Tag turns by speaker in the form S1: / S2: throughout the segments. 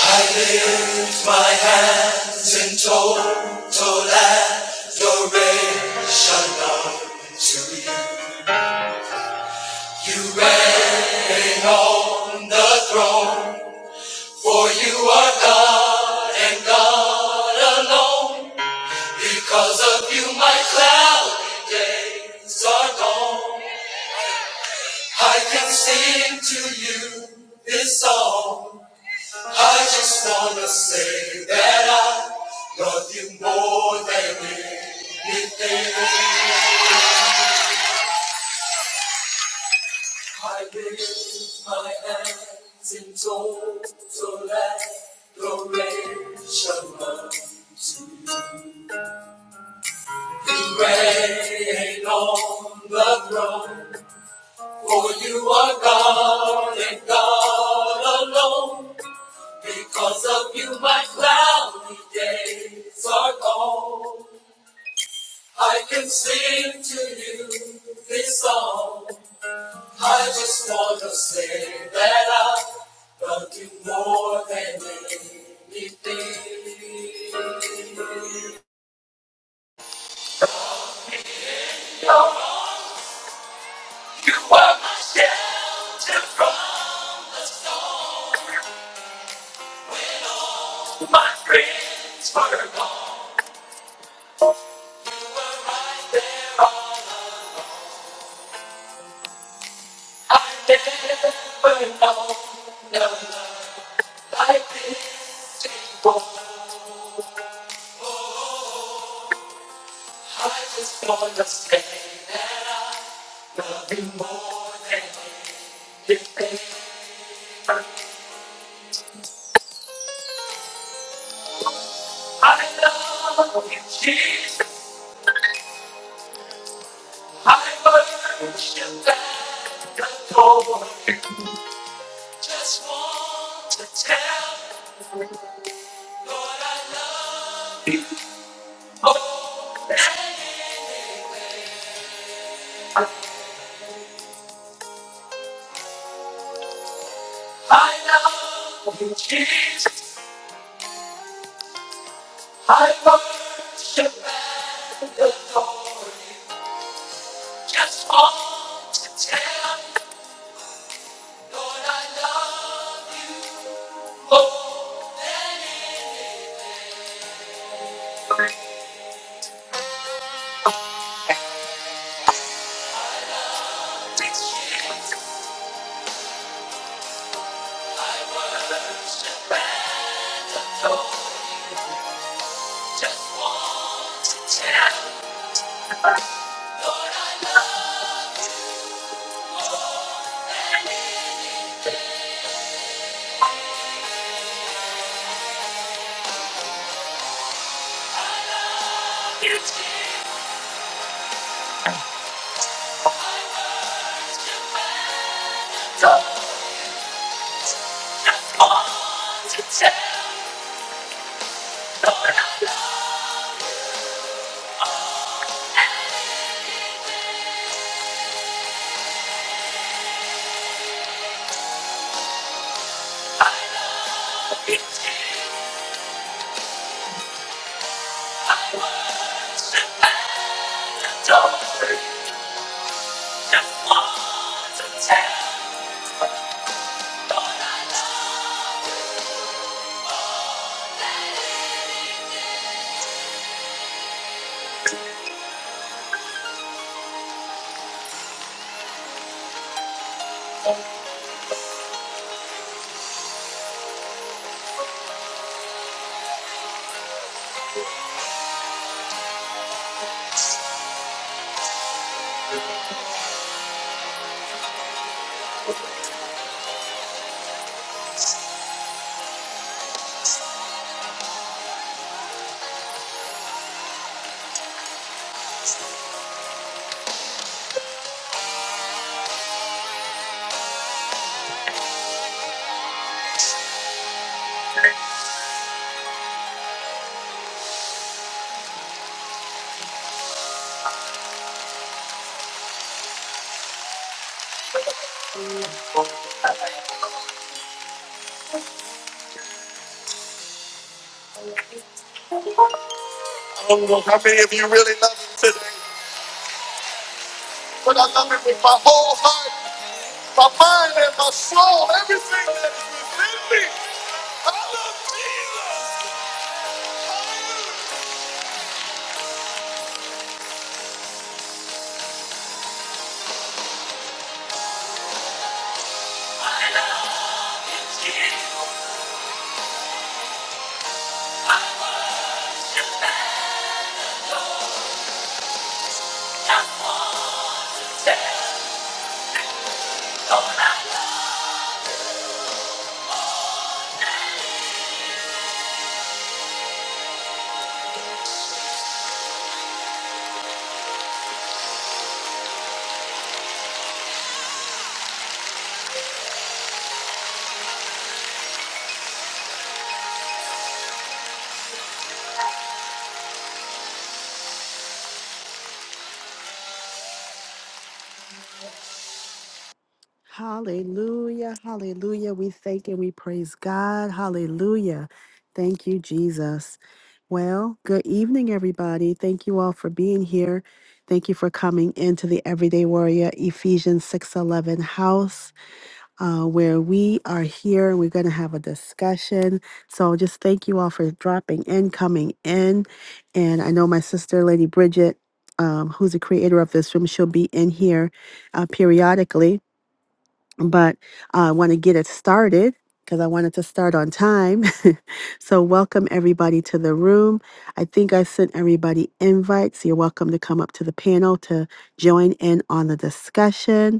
S1: I lift my hands in total adoration unto you. You reign on the throne, for you are God and God alone. Because of you, my cloudy days are gone. I can sing to you this song. I just wanna say that I love you more than anything. I lift my hands in total adoration to you. Reign on the throne, for you are God and God alone. Because of you, my cloudy days are gone. I can sing to you this song. I just want to say that I love you more than anything. You are my shelter, my friends forever. I never know no love like this before. I just want to say that I love you more than anything. I love you, Jesus. I worship and adore you. Just want to tell you, Lord, I love you. Oh, I love you, Jesus. I worship and adore you. Just want to tell you, Lord, I love you. Oh, Jesus, I worship and adore you. Just want to tell you. You don't want to tell. You don't want to tell. I don't know how many of you really love him today, but I love him with my whole heart, my mind, and my soul, everything that is within me. I love Jesus. I love Jesus. Hallelujah. Hallelujah. We thank and we praise God. Hallelujah. Thank you, Jesus. Well, good evening, everybody. Thank you all for being here. Thank you for coming into the Everyday Warrior Ephesians 611 house uh, where we are here and we're going to have a discussion. So just thank you all for dropping in, coming in. And I know my sister, Lady Bridget, um, who's the creator of this room, she'll be in here uh, periodically but I want to get it started because I wanted to start on time. so, welcome everybody to the room. I think I sent everybody invites. You're welcome to come up to the panel to join in on the discussion.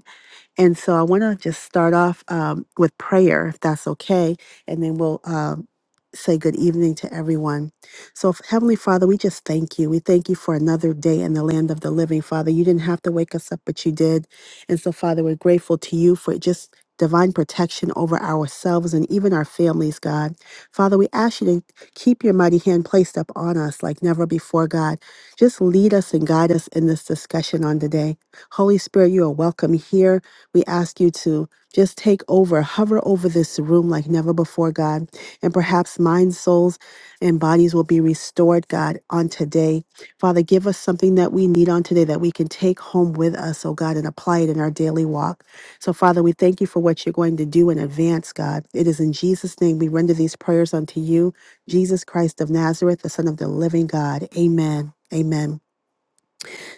S1: And so I want to just start off um, with prayer, if that's okay, and then we'll um, say good evening to everyone. So, f- Heavenly Father, we just thank you. We thank you for another day in the land of the living, Father. You didn't have to wake us up, but you did. And so, Father, we're grateful to you for just divine protection over ourselves and even our families, God. Father, we ask you to keep your mighty hand placed up on us like never before, God. Just lead us and guide us in this discussion on today. Holy Spirit, you are welcome here. We ask you to just take over, hover over this room like never before, God. And perhaps minds, souls, and bodies will be restored, God, on today. Father, give us something that we need on today that we can take home with us, oh God, and apply it in our daily walk. So, Father, we thank you for what you're going to do in advance, God. It is in Jesus' name we render these prayers unto you, Jesus Christ of Nazareth, the Son of the living God. Amen. Amen.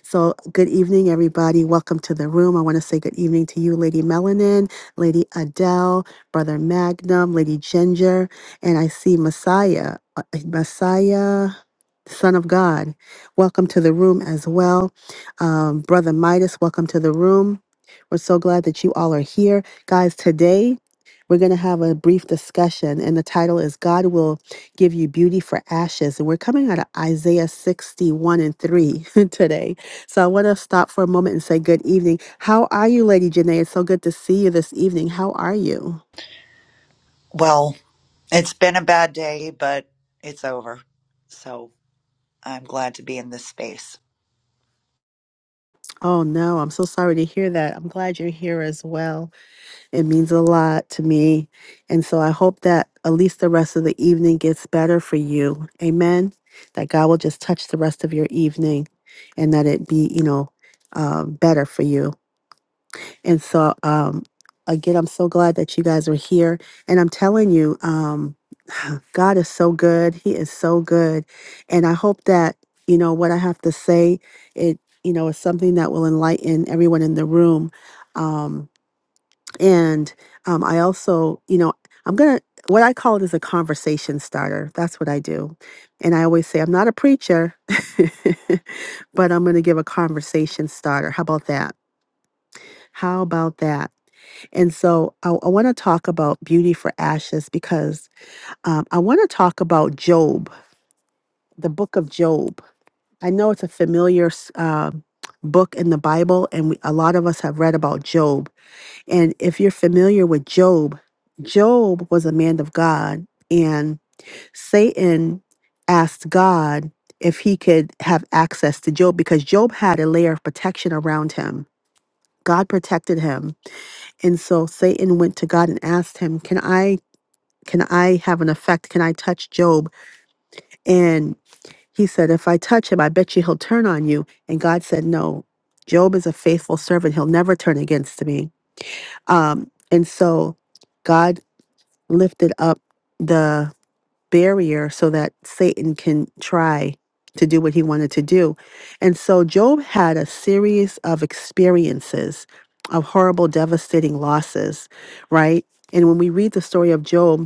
S1: So, good evening, everybody. Welcome to the room. I want to say good evening to you, Lady Melanin, Lady Adele, Brother Magnum, Lady Ginger, and I see Messiah, uh, Messiah, Son of God. Welcome to the room as well. Um, Brother Midas, welcome to the room. We're so glad that you all are here. Guys, today we're going to have a brief discussion, and the title is God Will Give You Beauty for Ashes. And we're coming out of Isaiah 61 and 3 today. So I want to stop for a moment and say good evening. How are you, Lady Janae? It's so good to see you this evening. How are you?
S2: Well, it's been a bad day, but it's over. So I'm glad to be in this space.
S1: Oh no, I'm so sorry to hear that. I'm glad you're here as well. It means a lot to me. And so I hope that at least the rest of the evening gets better for you. Amen. That God will just touch the rest of your evening and that it be, you know, uh, better for you. And so, um, again, I'm so glad that you guys are here. And I'm telling you, um, God is so good. He is so good. And I hope that, you know, what I have to say, it, you know, is something that will enlighten everyone in the room. Um, and um, I also, you know, I'm going to, what I call it is a conversation starter. That's what I do. And I always say, I'm not a preacher, but I'm going to give a conversation starter. How about that? How about that? And so I, I want to talk about beauty for ashes because um, I want to talk about Job, the book of Job. I know it's a familiar s- uh, book in the Bible, and we, a lot of us have read about Job. And if you're familiar with Job, Job was a man of God, and Satan asked God if he could have access to Job because Job had a layer of protection around him. God protected him. And so Satan went to God and asked him, Can I Can I have an effect? Can I touch Job? And he said, If I touch him, I bet you he'll turn on you. And God said, No, Job is a faithful servant. He'll never turn against me. Um, and so God lifted up the barrier so that Satan can try to do what he wanted to do. And so Job had a series of experiences of horrible, devastating losses, right? And when we read the story of Job,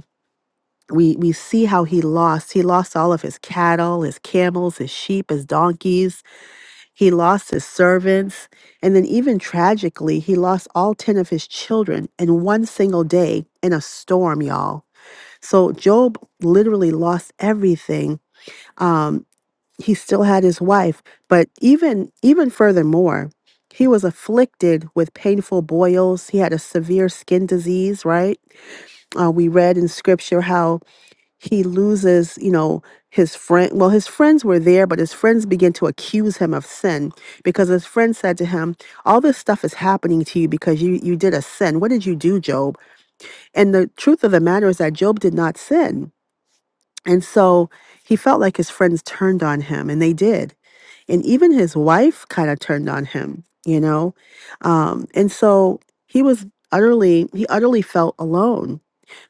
S1: we we see how he lost he lost all of his cattle his camels his sheep his donkeys he lost his servants and then even tragically he lost all 10 of his children in one single day in a storm y'all so job literally lost everything um he still had his wife but even even furthermore he was afflicted with painful boils he had a severe skin disease right uh, we read in scripture how he loses, you know, his friend. Well, his friends were there, but his friends begin to accuse him of sin because his friend said to him, "All this stuff is happening to you because you you did a sin. What did you do, Job?" And the truth of the matter is that Job did not sin, and so he felt like his friends turned on him, and they did, and even his wife kind of turned on him, you know, um, and so he was utterly he utterly felt alone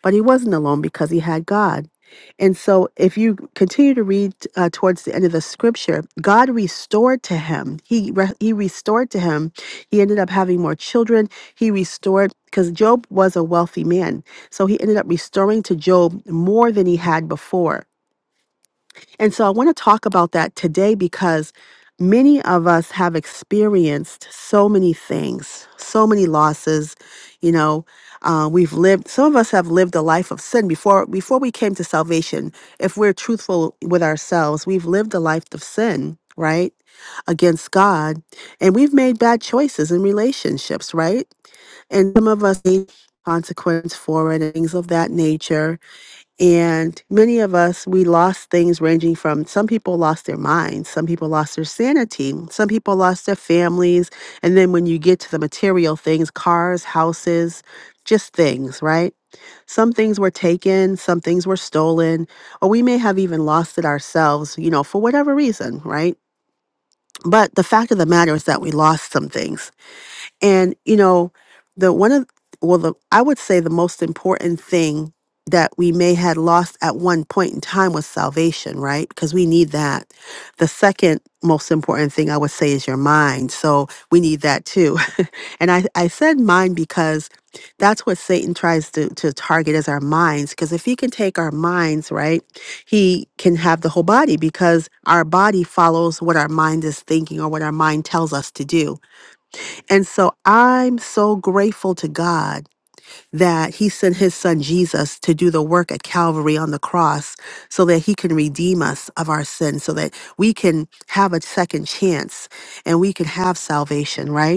S1: but he wasn't alone because he had God. And so, if you continue to read uh, towards the end of the scripture, God restored to him. He re- he restored to him. He ended up having more children. He restored because Job was a wealthy man, so he ended up restoring to Job more than he had before. And so I want to talk about that today because many of us have experienced so many things, so many losses. You know, uh, we've lived. Some of us have lived a life of sin before before we came to salvation. If we're truthful with ourselves, we've lived a life of sin, right, against God, and we've made bad choices in relationships, right? And some of us need consequence for it and things of that nature and many of us, we lost things ranging from some people lost their minds, some people lost their sanity, some people lost their families. And then when you get to the material things, cars, houses, just things, right? Some things were taken, some things were stolen, or we may have even lost it ourselves, you know, for whatever reason, right? But the fact of the matter is that we lost some things. And you know, the one of well, the I would say the most important thing that we may had lost at one point in time was salvation, right? Because we need that. The second most important thing I would say is your mind. So we need that too. and I, I said mind because that's what Satan tries to, to target as our minds. Because if he can take our minds, right, he can have the whole body because our body follows what our mind is thinking or what our mind tells us to do. And so I'm so grateful to God that he sent his son Jesus to do the work at Calvary on the cross so that he can redeem us of our sin so that we can have a second chance and we can have salvation, right?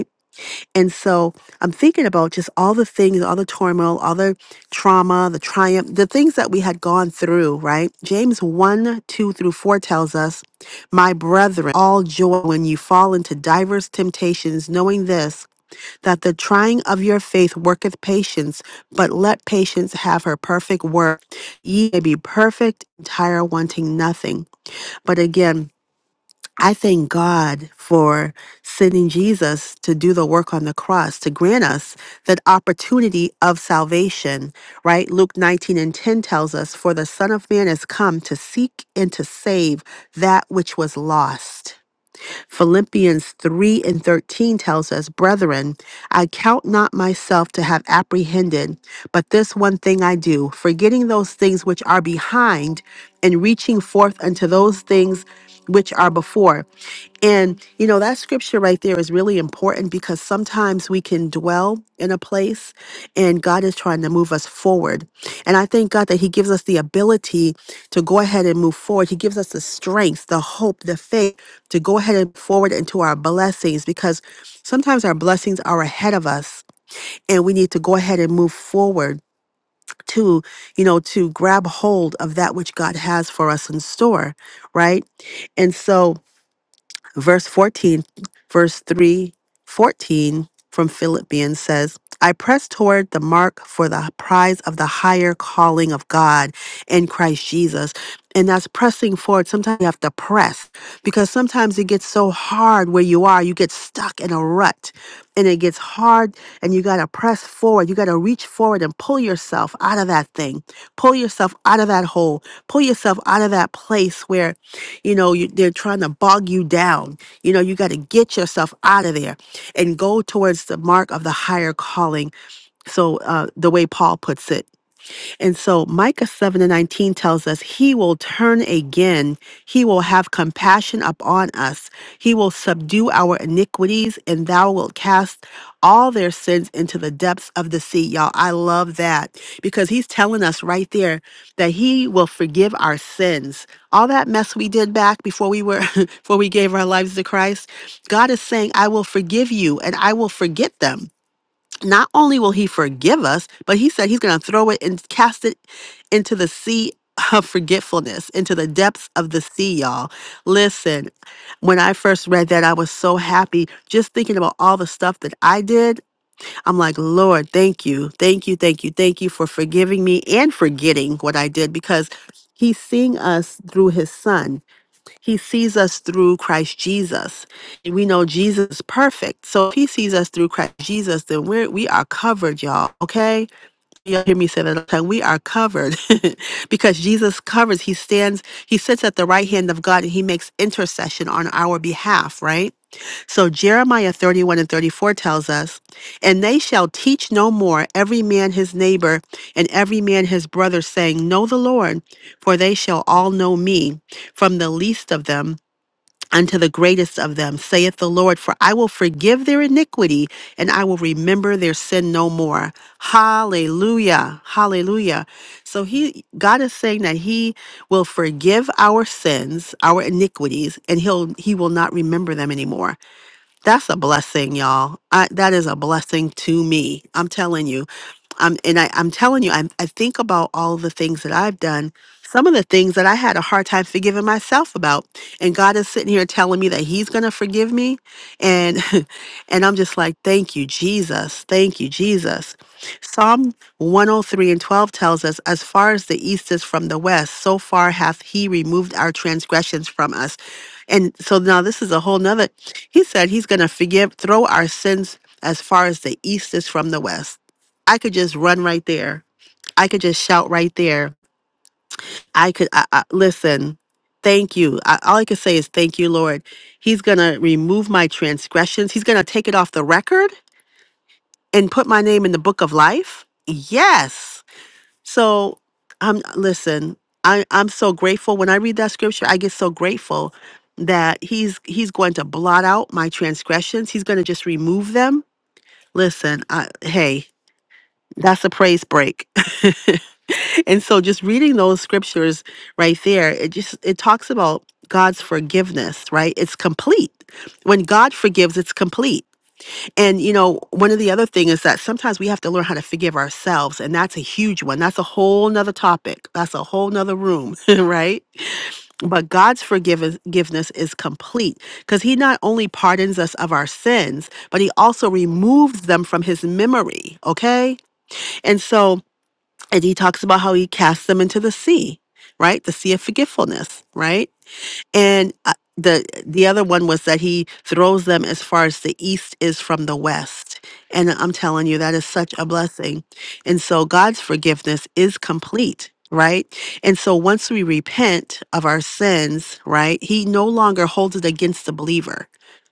S1: And so I'm thinking about just all the things, all the turmoil, all the trauma, the triumph, the things that we had gone through, right? James 1, 2 through 4 tells us, My brethren, all joy when you fall into diverse temptations, knowing this, that the trying of your faith worketh patience, but let patience have her perfect work. Ye may be perfect, entire, wanting nothing. But again, I thank God for sending Jesus to do the work on the cross, to grant us that opportunity of salvation, right? Luke 19 and 10 tells us, For the Son of Man has come to seek and to save that which was lost Philippians 3 and 13 tells us, Brethren, I count not myself to have apprehended, but this one thing I do, forgetting those things which are behind and reaching forth unto those things which are before. And, you know, that scripture right there is really important important because sometimes we can dwell in a place and God is trying to move us forward. And I thank God that He gives us the ability to go ahead and move forward. He gives us the strength, the hope, the faith to go ahead and forward into our blessings because sometimes our blessings are ahead of us and we need to go ahead and move forward to you know to grab hold of that which god has for us in store right and so Verse 14, verse 3, 14 from Philippians says, I press toward the mark for the prize of the higher calling of God in Christ Jesus. And that's pressing forward. Sometimes you have to press because sometimes it gets so hard where you are, you get stuck in a rut and it gets hard hard and you got to press forward. You got to reach forward and pull yourself out of that thing. Pull yourself out of that hole. Pull yourself out of that place where, you know, you, they're trying to bog you down. You know, you got to get yourself out of there and go towards the mark of the higher calling. So, uh, the way Paul puts it. And so Micah 7 and 19 tells us, He will turn again. He will have compassion upon us. He will subdue our iniquities, and thou wilt cast all their sins into the depths of the sea. Y'all, I love that because he's telling us right there that he will forgive our sins. All that mess we did back before we were, before we gave our lives to Christ, God is saying, I will forgive you and I will forget them not only will he forgive us, but he said he's going to throw it and cast it into the sea of forgetfulness, into the depths of the sea, y'all. Listen, when I first read that, I was so happy just thinking about all the stuff that I did. I'm like, Lord, thank you, thank you, thank you, thank you for forgiving me and forgetting what I did because he's seeing us through his son he sees us through Christ Jesus. And we know Jesus is perfect. So if he sees us through Christ Jesus, then we're, we are covered, y'all. Okay? Y'all hear me say that all the time. We are covered because Jesus covers. He stands, he sits at the right hand of God and he makes intercession on our behalf, right? So Jeremiah 31 and 34 tells us, And they shall teach no more every man his neighbor and every man his brother, saying, Know the Lord, for they shall all know me, from the least of them unto the greatest of them, saith the Lord, for I will forgive their iniquity and I will remember their sin no more. Hallelujah. Hallelujah. So he God is saying that he will forgive our sins, our iniquities, and he'll he will not remember them anymore. That's a blessing, y'all. I, that is a blessing to me. I'm telling you. Um, and I, I'm telling you, I, I think about all the things that I've done, some of the things that I had a hard time forgiving myself about. And God is sitting here telling me that He's going to forgive me. And, and I'm just like, thank you, Jesus. Thank you, Jesus. Psalm 103 and 12 tells us, as far as the east is from the west, so far hath He removed our transgressions from us. And so now this is a whole nother. He said he's going to forgive, throw our sins as far as the east is from the west. I could just run right there. I could just shout right there. I could I, I, listen. Thank you. I, all I could say is thank you, Lord. He's going to remove my transgressions. He's going to take it off the record and put my name in the book of life. Yes. So I'm listen, I, I'm so grateful. When I read that scripture, I get so grateful that he's he's going to blot out my transgressions. He's going to just remove them. Listen, I, hey, that's a praise break. and so just reading those scriptures right there, it just it talks about God's forgiveness, right? It's complete. When God forgives, it's complete and you know, one of the other thing is that sometimes we have to learn how to forgive ourselves, and that's a huge one. That's a whole nother topic. That's a whole nother room, right? But God's forgive- forgiveness is complete because He not only pardons us of our sins, but He also removes them from His memory. Okay, and so and He talks about how He casts them into the sea, right? The sea of forgetfulness, right? and uh, the the other one was that he throws them as far as the east is from the west and i'm telling you that is such a blessing and so god's forgiveness is complete right and so once we repent of our sins right he no longer holds it against the believer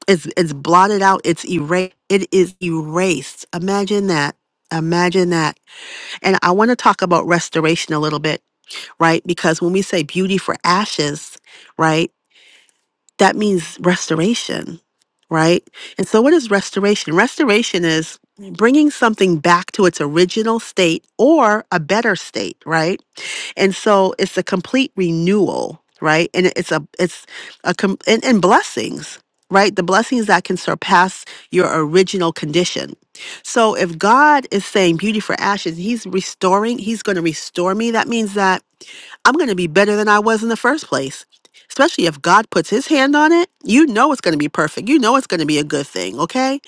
S1: it's it's blotted out it's erased it is erased imagine that imagine that and i want to talk about restoration a little bit right because when we say beauty for ashes right that means restoration, right? And so, what is restoration? Restoration is bringing something back to its original state or a better state, right? And so, it's a complete renewal, right? And it's a it's a com- and, and blessings, right? The blessings that can surpass your original condition. So, if God is saying beauty for ashes, He's restoring. He's going to restore me. That means that I'm going to be better than I was in the first place. Especially if God puts his hand on it, you know it's going to be perfect. You know it's going to be a good thing, okay?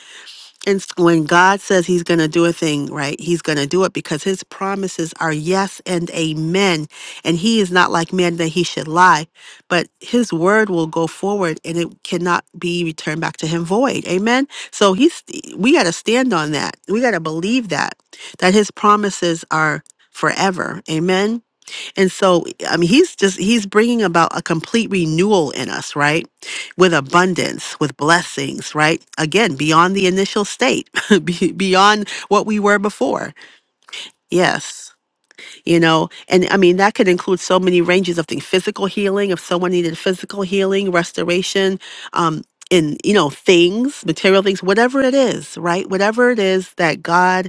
S1: And s- when God says he's going to do a thing, right, he's going to do it because his promises are yes and amen. And he is not like man that he should lie, but his word will go forward and it cannot be returned back to him void. Amen. So he's, we got to stand on that. We got to believe that, that his promises are forever. Amen. And so, I mean, he's just, he's bringing about a complete renewal in us, right? with abundance, with blessings, right? Again, beyond the initial state, be- beyond what we were before. Yes. You know, and I mean, that could include so many ranges of things physical healing, if someone needed physical healing, restoration, um, in, you know, things, material things, whatever it is, right? Whatever it is that God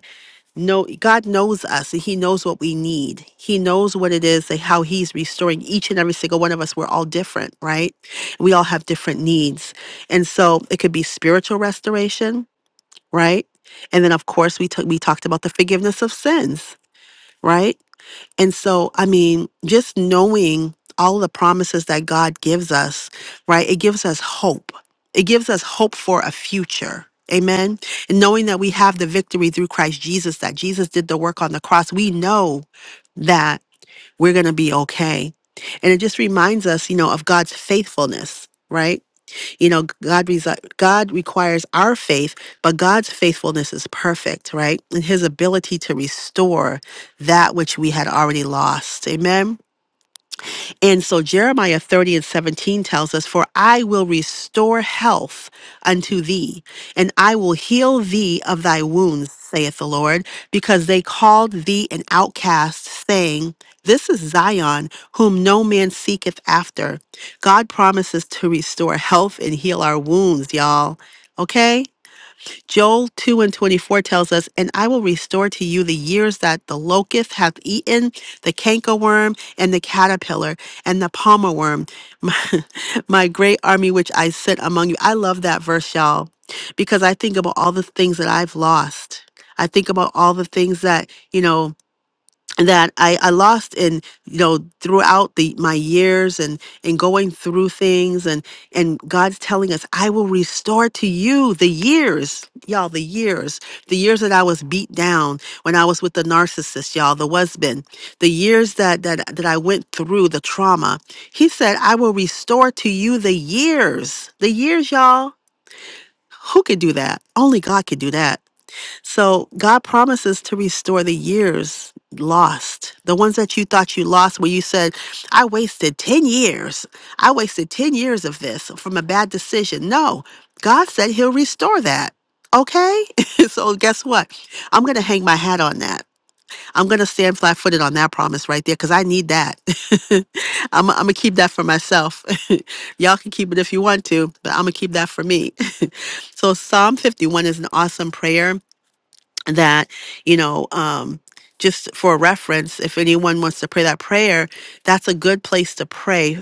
S1: no, God knows us and He knows what we need. He knows what it is and how He's restoring each and every single one of us. We're all different, right? We all have different needs. And so it could be spiritual restoration, right? And then of course we took we talked about the forgiveness of sins, right? And so, I mean, just knowing all the promises that God gives us, right? It gives us hope. It gives us hope for a future. Amen. And knowing that we have the victory through Christ Jesus, that Jesus did the work on the cross, we know that we're going to be okay. And it just reminds us, you know, of God's faithfulness, right? You know, God resi- God requires our faith, but God's faithfulness is perfect, right? And His ability to restore that which we had already lost. Amen. And so Jeremiah 30 and 17 tells us, For I will restore health unto thee, and I will heal thee of thy wounds, saith the Lord, because they called thee an outcast, saying, This is Zion, whom no man seeketh after. God promises to restore health and heal our wounds, y'all. Okay? Joel 2 and 24 tells us, And I will restore to you the years that the locust hath eaten, the cankerworm, and the caterpillar, and the palmer worm, my, my great army which I sent among you. I love that verse, y'all, because I think about all the things that I've lost. I think about all the things that, you know, that I, I lost in you know throughout the my years and and going through things and and God's telling us I will restore to you the years y'all the years the years that I was beat down when I was with the narcissist y'all the husband the years that that that I went through the trauma he said I will restore to you the years the years y'all who could do that only God could do that so God promises to restore the years lost, the ones that you thought you lost, where you said, I wasted 10 years. I wasted 10 years of this from a bad decision. No, God said He'll restore that. Okay? so guess what? I'm going to hang my hat on that. I'm going to stand flat footed on that promise right there because I need that. I'm, I'm going to keep that for myself. Y'all can keep it if you want to, but I'm going to keep that for me. so, Psalm 51 is an awesome prayer that you know um just for reference if anyone wants to pray that prayer that's a good place to pray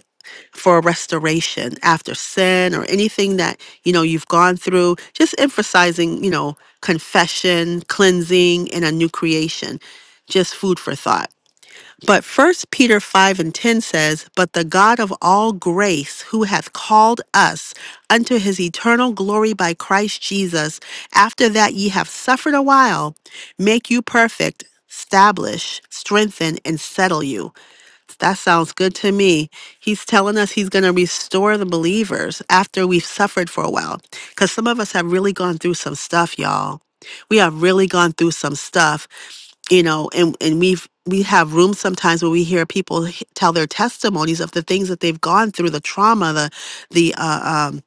S1: for restoration after sin or anything that you know you've gone through just emphasizing you know confession cleansing and a new creation just food for thought but first Peter 5 and 10 says, But the God of all grace, who hath called us unto his eternal glory by Christ Jesus, after that ye have suffered a while, make you perfect, establish, strengthen, and settle you. That sounds good to me. He's telling us he's going to restore the believers after we've suffered for a while. Because some of us have really gone through some stuff, y'all. We have really gone through some stuff, you know, and, and we've we have rooms sometimes where we hear people h- tell their testimonies of the things that they've gone through, the trauma, the the uh, um,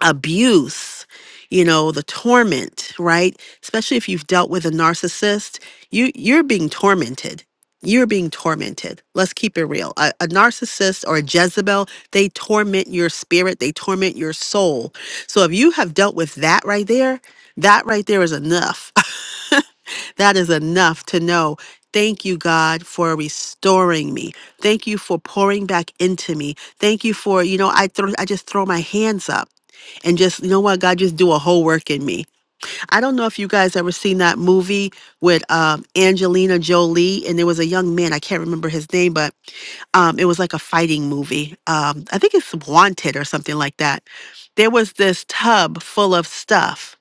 S1: abuse you know the torment right especially if you've dealt with a narcissist you you're being tormented you're being tormented let's keep it real a, a narcissist or a jezebel they torment your spirit they torment your soul so if you have dealt with that right there that right there is enough that is enough to know thank you god for restoring me thank you for pouring back into me thank you for you know i throw i just throw my hands up and just you know what god just do a whole work in me i don't know if you guys ever seen that movie with um, angelina jolie and there was a young man i can't remember his name but um, it was like a fighting movie um, i think it's wanted or something like that there was this tub full of stuff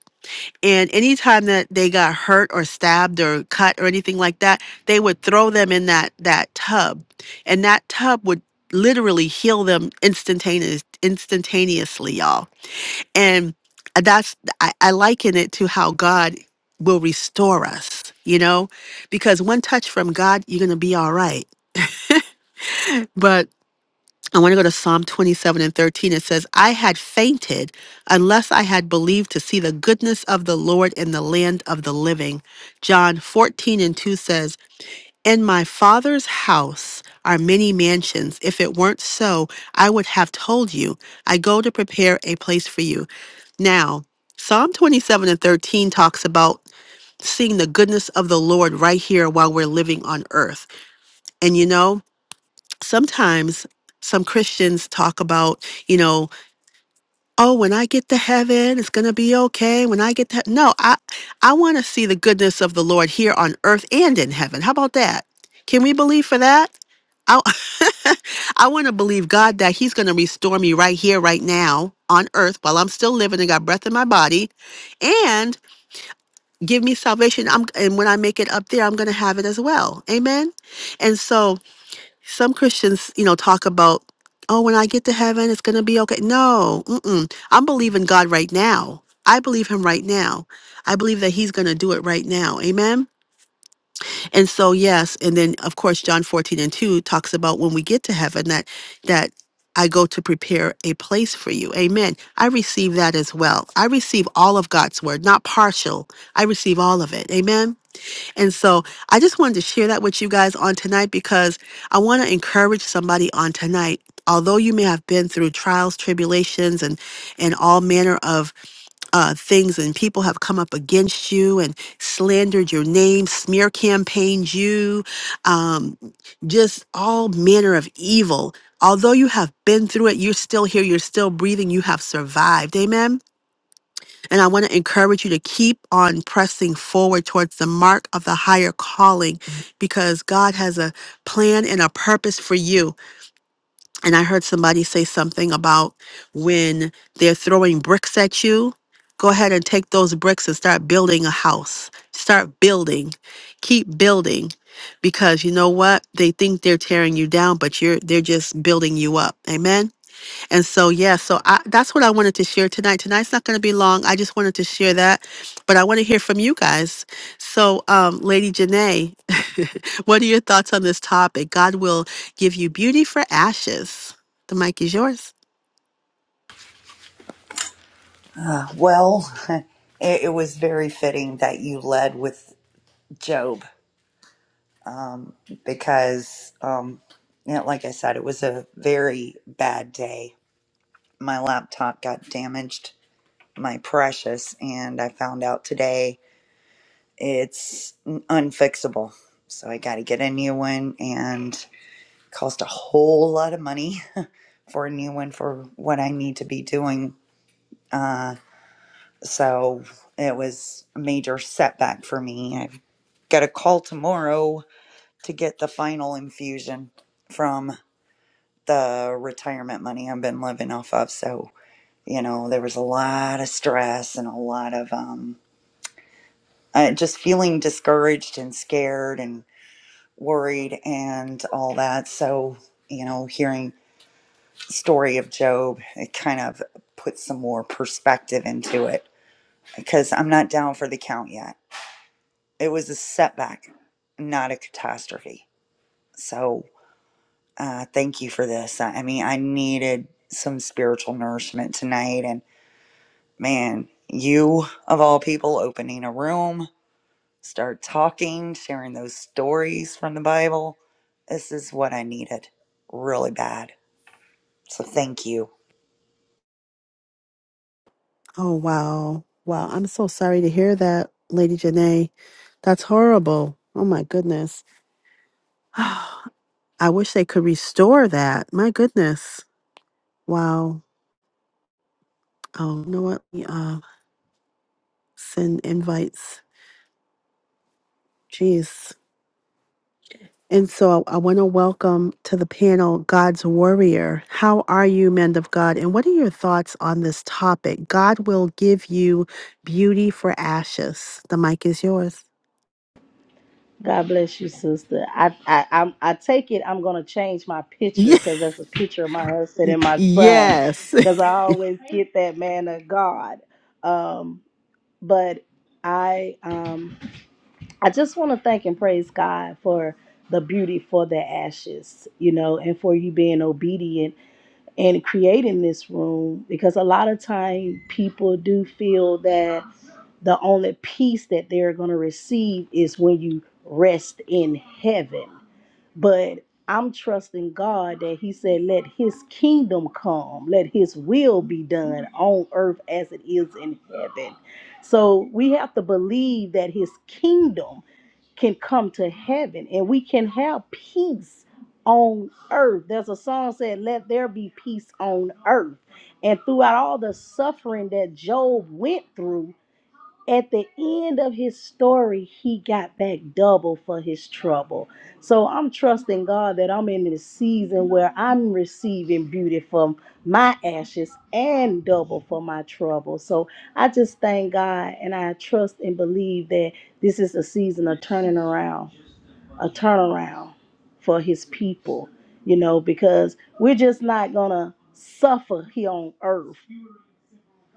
S1: and anytime that they got hurt or stabbed or cut or anything like that they would throw them in that that tub and that tub would literally heal them instantaneous instantaneously y'all and that's, I, I liken it to how God will restore us, you know, because one touch from God, you're going to be all right. But I want to go to Psalm 27 and 13. It says, I had fainted unless I had believed to see the goodness of the Lord in the land of the living. John 14 and 2 says, in my father's house are many mansions. If it weren't so, I would have told you. I go to prepare a place for you. Now, Psalm 27 and 13 talks about seeing the goodness of the Lord right here while we're living on earth. And you know, sometimes some Christians talk about, you know, oh, when I get to heaven, it's going to be okay. When I get to, hea-" no, I, I want to see the goodness of the Lord here on earth and in heaven. How about that? Can we believe for that? I, I want to believe God that He's going to restore me right here, right now on earth while I'm still living and got breath in my body and give me salvation. I'm, and when I make it up there, I'm going to have it as well. Amen. And so, some Christians, you know, talk about, oh, when I get to heaven, it's going to be okay. No, mm-mm. I'm believing God right now. I believe him right now. I believe that he's going to do it right now. Amen. And so, yes. And then, of course, John 14 and 2 talks about when we get to heaven that, that, I go to prepare a place for you. Amen. I receive that as well. I receive all of God's word, not partial. I receive all of it. Amen. And so I just wanted to share that with you guys on tonight because I want to encourage somebody on tonight. Although you may have been through trials, tribulations, and and all manner of uh, things and people have come up against you and slandered your name, smear campaigned you, um, just all manner of evil. Although you have been through it, you're still here, you're still breathing, you have survived. Amen. And I want to encourage you to keep on pressing forward towards the mark of the higher calling because God has a plan and a purpose for you. And I heard somebody say something about when they're throwing bricks at you, go ahead and take those bricks and start building a house. Start building. Keep building because you know what? They think they're tearing you down, but you're they're just building you up. Amen. And so, yeah, so I, that's what I wanted to share tonight. Tonight's not going to be long. I just wanted to share that, but I want to hear from you guys. So, um, Lady Janae, what are your thoughts on this topic? God will give you beauty for ashes. The mic is yours.
S2: Uh, well, it, it was very fitting that you led with Job um, because, um, you know, like I said, it was a very bad day. My laptop got damaged, my precious, and I found out today it's n- unfixable. So I got to get a new one and cost a whole lot of money. for a new one for what I need to be doing. Uh, so it was a major setback for me. I've got a call tomorrow to get the final infusion from the retirement money I've been living off of. So, you know, there was a lot of stress and a lot of um, uh, just feeling discouraged and scared and worried and all that. So, you know, hearing story of Job, it kind of puts some more perspective into it because I'm not down for the count yet. It was a setback, not a catastrophe. So uh, thank you for this. I I mean, I needed some spiritual nourishment tonight. And man, you of all people opening a room, start talking, sharing those stories from the Bible. This is what I needed really bad. So thank you.
S1: Oh, wow. Wow. I'm so sorry to hear that, Lady Janae. That's horrible. Oh, my goodness. I wish they could restore that. My goodness. Wow. Oh, you know what? Uh, send invites. Jeez. And so I want to welcome to the panel God's Warrior. How are you, men of God? And what are your thoughts on this topic? God will give you beauty for ashes. The mic is yours.
S3: God bless you, sister. I I I'm, I take it I'm gonna change my picture
S1: Ye-
S3: because that's a picture of my husband and my son.
S1: Yes.
S3: Because I always get that man of God. Um, but I um I just want to thank and praise God for the beauty for the ashes, you know, and for you being obedient and creating this room because a lot of time people do feel that the only peace that they're going to receive is when you rest in heaven. But I'm trusting God that He said, Let His kingdom come, let His will be done on earth as it is in heaven. So we have to believe that His kingdom can come to heaven and we can have peace on earth. There's a song said, Let there be peace on earth. And throughout all the suffering that Job went through, at the end of his story, he got back double for his trouble. So I'm trusting God that I'm in this season where I'm receiving beauty from my ashes and double for my trouble. So I just thank God and I trust and believe that this is a season of turning around, a turnaround for his people, you know, because we're just not going to suffer here on earth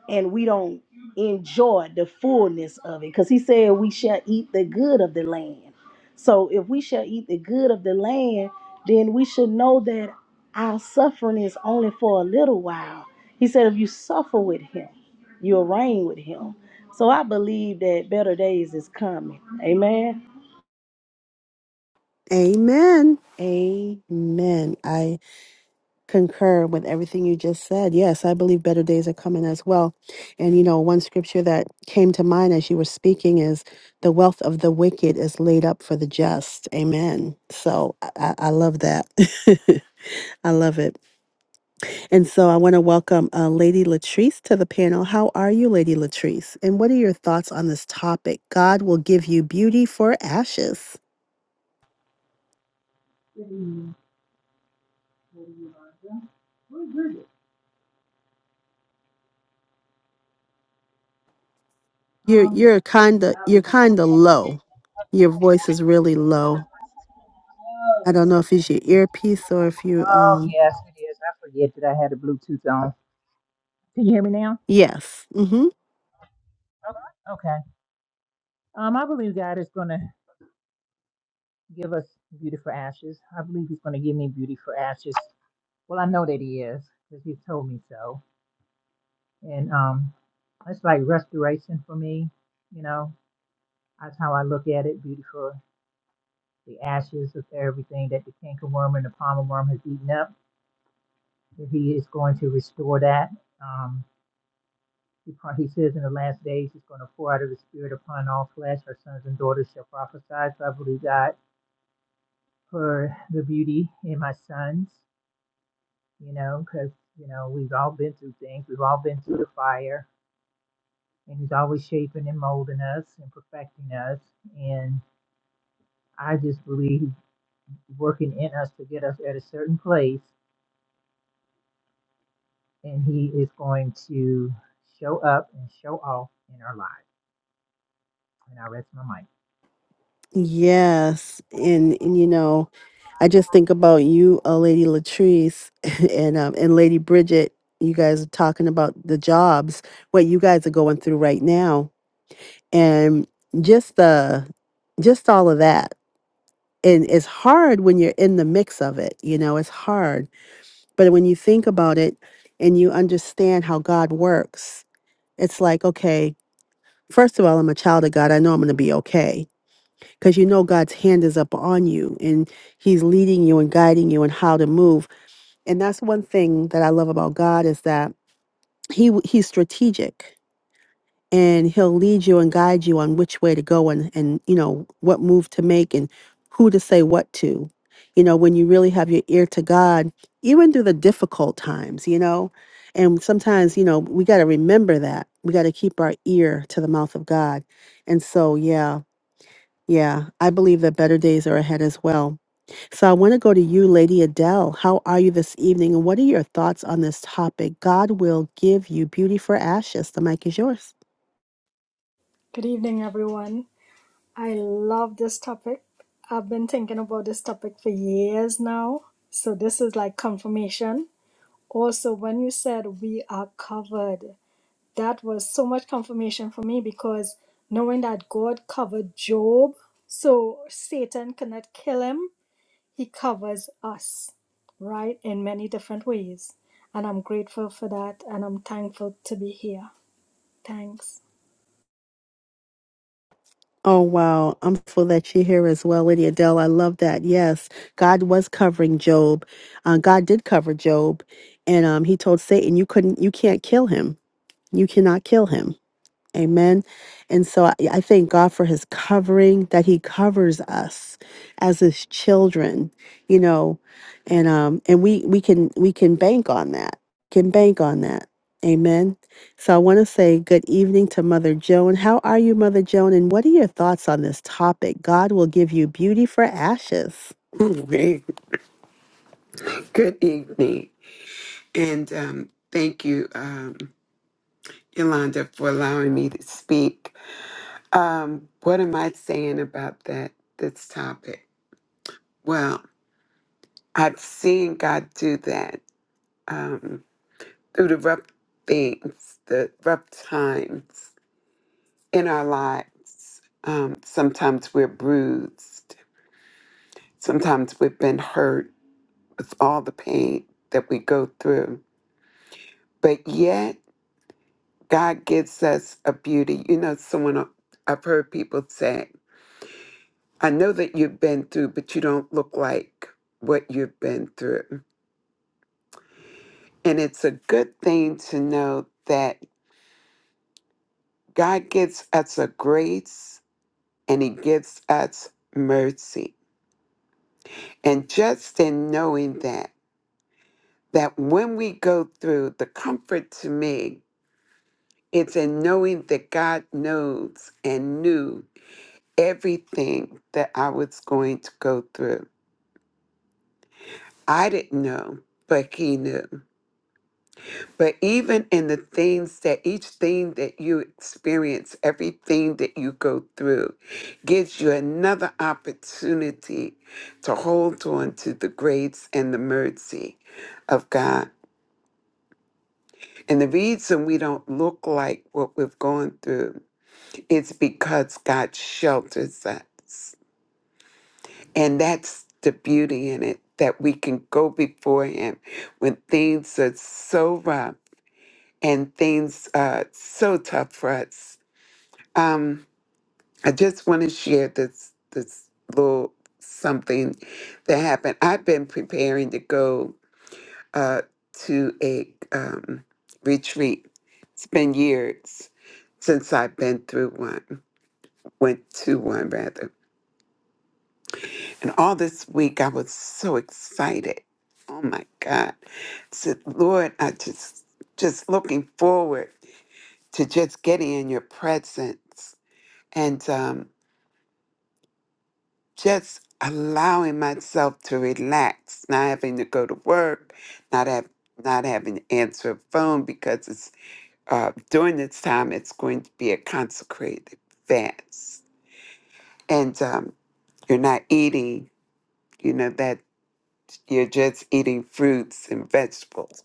S3: and we don't enjoy the fullness of it because he said we shall eat the good of the land so if we shall eat the good of the land then we should know that our suffering is only for a little while he said if you suffer with him you'll reign with him so i believe that better days is coming amen
S1: Amen. Amen. I concur with everything you just said. Yes, I believe better days are coming as well. And you know, one scripture that came to mind as you were speaking is the wealth of the wicked is laid up for the just. Amen. So I, I I love that. I love it. And so I want to welcome uh, Lady Latrice to the panel. How are you, Lady Latrice? And what are your thoughts on this topic? God will give you beauty for ashes.
S4: Good evening, Lady Where is Bridget?
S1: You're
S4: Um,
S1: you're kinda
S4: that
S1: you're
S4: was.
S1: kinda low. Your voice is really low.
S4: Oh,
S1: I don't know if it's
S4: okay.
S1: your earpiece or if you
S4: Oh,
S1: um
S4: yes, it is. I forget that I had a Bluetooth on. Can you hear me now?
S1: yes. Mhm.
S4: Okay. Okay. Um, I believe God is going to give us beauty for ashes. I believe He's going to give me beauty for ashes. Well, I know that He is because He's told me so. And um, it's like restoration for me. You know, that's how I look at it. Beautiful. the ashes of everything that the cankerworm and the palmer worm has eaten up. That he is going to restore that. Um, he, he says in the last days he's going to pour out of his spirit upon all flesh. Our sons and daughters shall prophesy. So I believe God for the beauty in my sons, you know, because, you know, we've all been through things. We've all been through the fire. And he's always shaping and molding us and perfecting us. And I just believe he's working in us to get us at a certain place and He is going to show up and show off in our lives. And I rest my mic.
S1: Yes. And and you know, I just think about you, uh, Lady Latrice and um and Lady Bridget, you guys are talking about the jobs, what you guys are going through right now and just the just all of that. And it's hard when you're in the mix of it, you know, it's hard. But when you think about it and you understand how God works, it's like, okay, First of all, I'm a child of God. I know I'm going to be okay because you know God's hand is up on you and he's leading you and guiding you and how to move. And that's one thing that I love about God is that he he's strategic and he'll lead you and guide you on which way to go and and you know what move to make and who to say what to you know when you really have your ear to god even through the difficult times you know and sometimes you know we got to remember that we got to keep our ear to the mouth of god and so yeah yeah i believe that better days are ahead as well so i want to go to you lady adele how are you this evening and what are your thoughts on this topic god will give you beauty for ashes the mic is yours
S5: Good evening, everyone. I love this topic. I've been thinking about this topic for years now. So, this is like confirmation. Also, when you said we are covered, that was so much confirmation for me because knowing that God covered Job, so Satan cannot kill him, he covers us, right? In many different ways. And I'm grateful for that and I'm thankful to be here. Thanks.
S1: Oh, wow. I'm full that you're here as well, Lady Adele. I love that. Yes, God was covering Job. Uh, God did cover Job. And um, he told Satan, you couldn't, you can't kill him. You cannot kill him. Amen. And so I I thank God for his covering, that he covers us as his children, you know, and um and we we can we can bank on that. Can bank on that. Amen. So I want to say good evening to Mother Joan. How are you, Mother Joan? And what are your thoughts on this topic? God will give you beauty for ashes.
S6: Okay. Good evening. And um, thank you, um, Yolanda, for allowing me to speak. Um, what am I saying about that this topic? Well, I've seen God do that um, through the rough things, the rough times in our lives. Um, sometimes we're bruised. Sometimes we've been hurt with all the pain that we go through. But yet, God gives us a beauty. You know, someone uh, I've heard people say, I know that you've been through, but you don't look like what you've been through. And it's a good thing to know that God gives us a grace and He gives us mercy. And just in knowing that, that when we go through, the comfort to me it's in knowing that God knows and knew everything that I was going to go through I didn't know, but he knew. But even in the things that each thing that you experience, everything that you go through, gives you another opportunity to hold on to the grace and the mercy of God. And the reason we don't look like what we've gone through is because God shelters us. And that's the beauty in it that we can go before Him when things are so rough and things are so tough for us. Um, I just want to share this this little something that happened. I've been preparing to go uh, to a um, retreat. It's been years since I've been through one, went to one rather. And all this week I was so excited. Oh my God. I said, Lord, I just just looking forward to just getting in your presence and um, just allowing myself to relax, not having to go to work, not have not having to answer a phone because it's uh, during this time it's going to be a consecrated fast, and um, you're not eating. You know that You're just eating fruits and vegetables.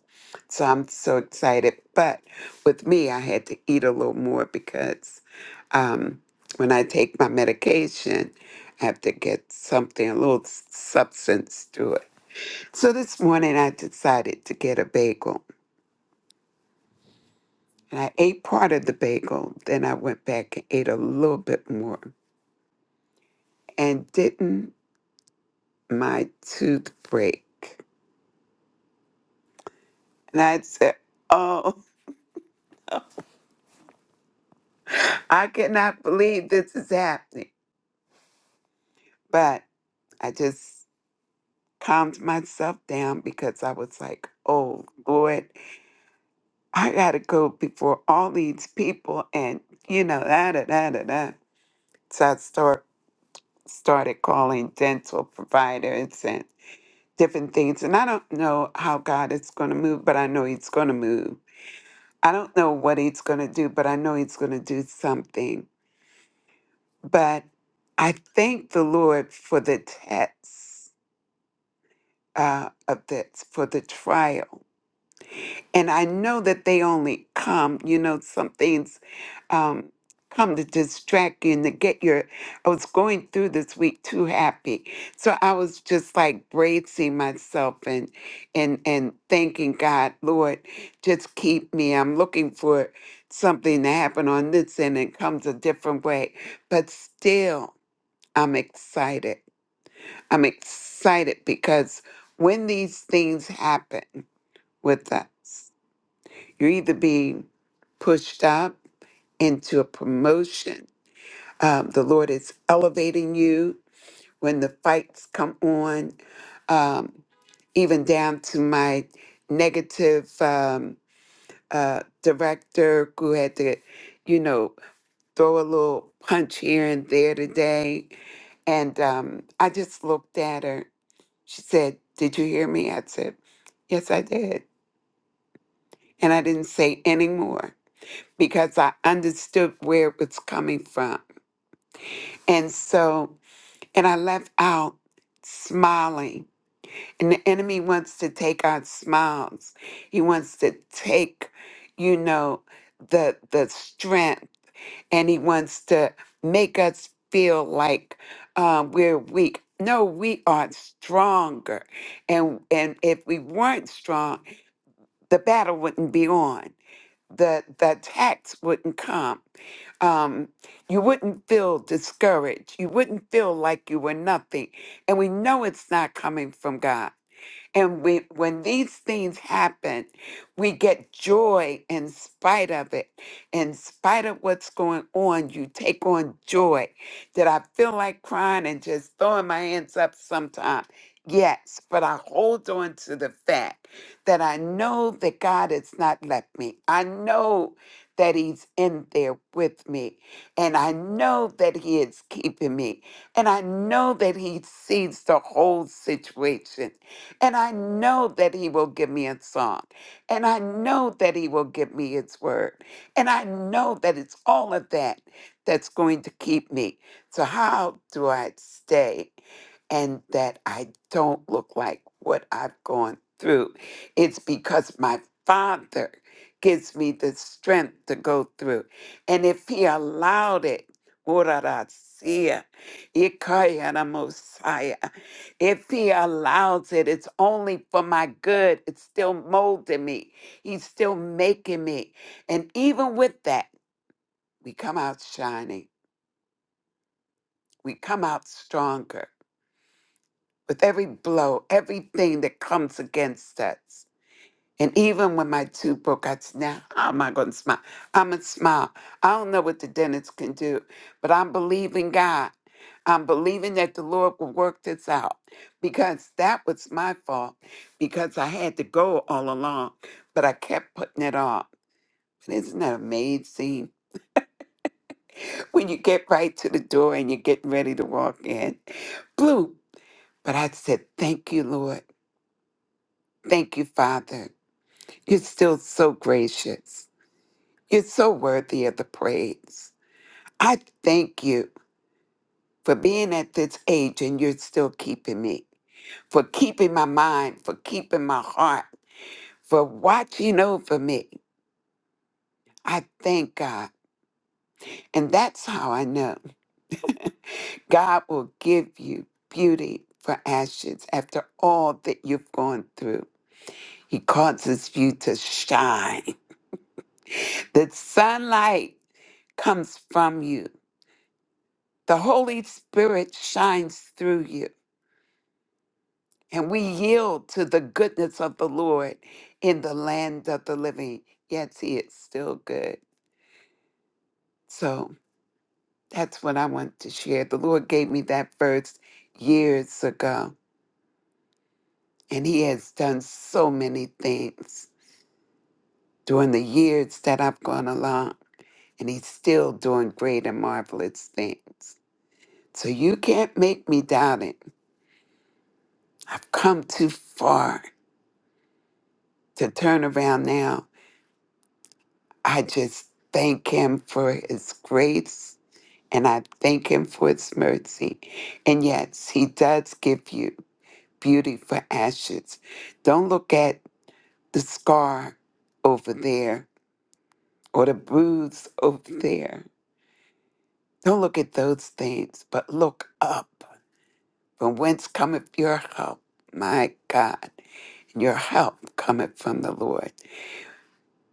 S6: So I'm so excited. But with me, I had to eat a little more because um, when I take my medication, I have to get something, a little s- substance to it. So this morning, I decided to get a bagel. And I ate part of the bagel. Then I went back and ate a little bit more. And didn't my tooth break? And I said, Oh, I cannot believe this is happening. But I just calmed myself down because I was like, oh, Lord, I got to go before all these people and, you know, da da da da da. So I start, started calling dental providers and different things. And I don't know how God is going to move, but I know He's going to move. I don't know what He's going to do, but I know He's going to do something. But I thank the Lord for the tests uh, of this, for the trial and I know that they only come, you know, some things um, come to distract you and to get your. I was going through this week too happy, so I was just like bracing myself and and and thanking God, Lord, just keep me. I'm looking for something to happen on this end, and it comes a different way, but still, I'm excited. I'm excited because when these things happen with us. You're either being pushed up into a promotion. Um, the Lord is elevating you when the fights come on, um, even down to my negative um, uh, director who had to, you know, throw a little punch here and there today. And um, I just looked at her. She said, Did you hear me? I said, Yes, I did. And I didn't say any more. because I understood where it was coming from. And so, and I left out smiling. And the enemy wants to take our smiles. He wants to take, you know, the the strength and he wants to make us feel like um, we're weak. No, we are stronger. And and if we weren't strong, the battle wouldn't be on. The the attacks wouldn't come um, you wouldn't feel discouraged. You wouldn't feel like you were nothing. And we know it's not coming from God. And we, when these things happen, we get joy in spite of it. In spite of what's going on, you take on joy. Did I feel like crying and just throwing my hands up sometime? Yes, but I hold on to the fact that I know that God has not left me. I know that He's in there with me. And I know that He is keeping me. And I know that He sees the whole situation. And I know that He will give me a song. And I know that He will give me His word. And I know that it's all of that that's going to keep me. So, how do I stay and that I don't look like what I've gone through? It's because my Father gives me the strength to go through. And if He allowed it, Messiah. If he allows it, it's only for my good. It's still molding me. He's still making me. And even with that, we come out shining. We come out stronger with every blow, everything that comes against us. And even when my tooth broke, I said, now how am I going to smile? I'm going to smile. I don't know what the dentist can do, but I'm believing God. I'm believing that the Lord will work this out because that was my fault because I had to go all along, but I kept putting it off. And isn't that amazing? When you get right to the door and you're getting ready to walk in, blue. But I said, thank you, Lord. Thank you, Father. You're still so gracious. You're so worthy of the praise. I thank you for being at this age and you're still keeping me, for keeping my mind, for keeping my heart, for watching over me. I thank God. And that's how I know God will give you beauty for ashes after all that you've gone through. He causes you to shine. The sunlight comes from you, the Holy Spirit shines through you. and we yield to the goodness of the Lord in the land of the living. Yes, He is still good. So that's what I want to share. The Lord gave me that verse years ago, and He has done so many things during the years that I've gone along, and He's still doing great and marvelous things. So you can't make me doubt it. I've come too far to turn around now. I just thank Him for His grace and I thank Him for His mercy. And yes, He does give you beauty for ashes. Don't look at the scar over there or the bruise over there. Don't look at those things, but look up. From whence cometh your help? My God, your help cometh from the Lord,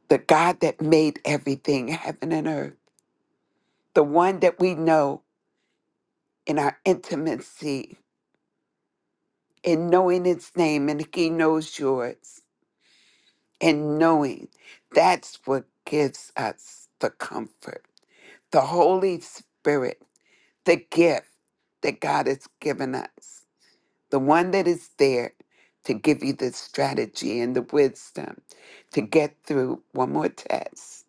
S6: the God that made everything, heaven and earth, the one that we know in our intimacy and knowing its name and he knows yours and knowing that's what gives us the comfort the holy spirit the gift that god has given us the one that is there to give you the strategy and the wisdom to get through one more test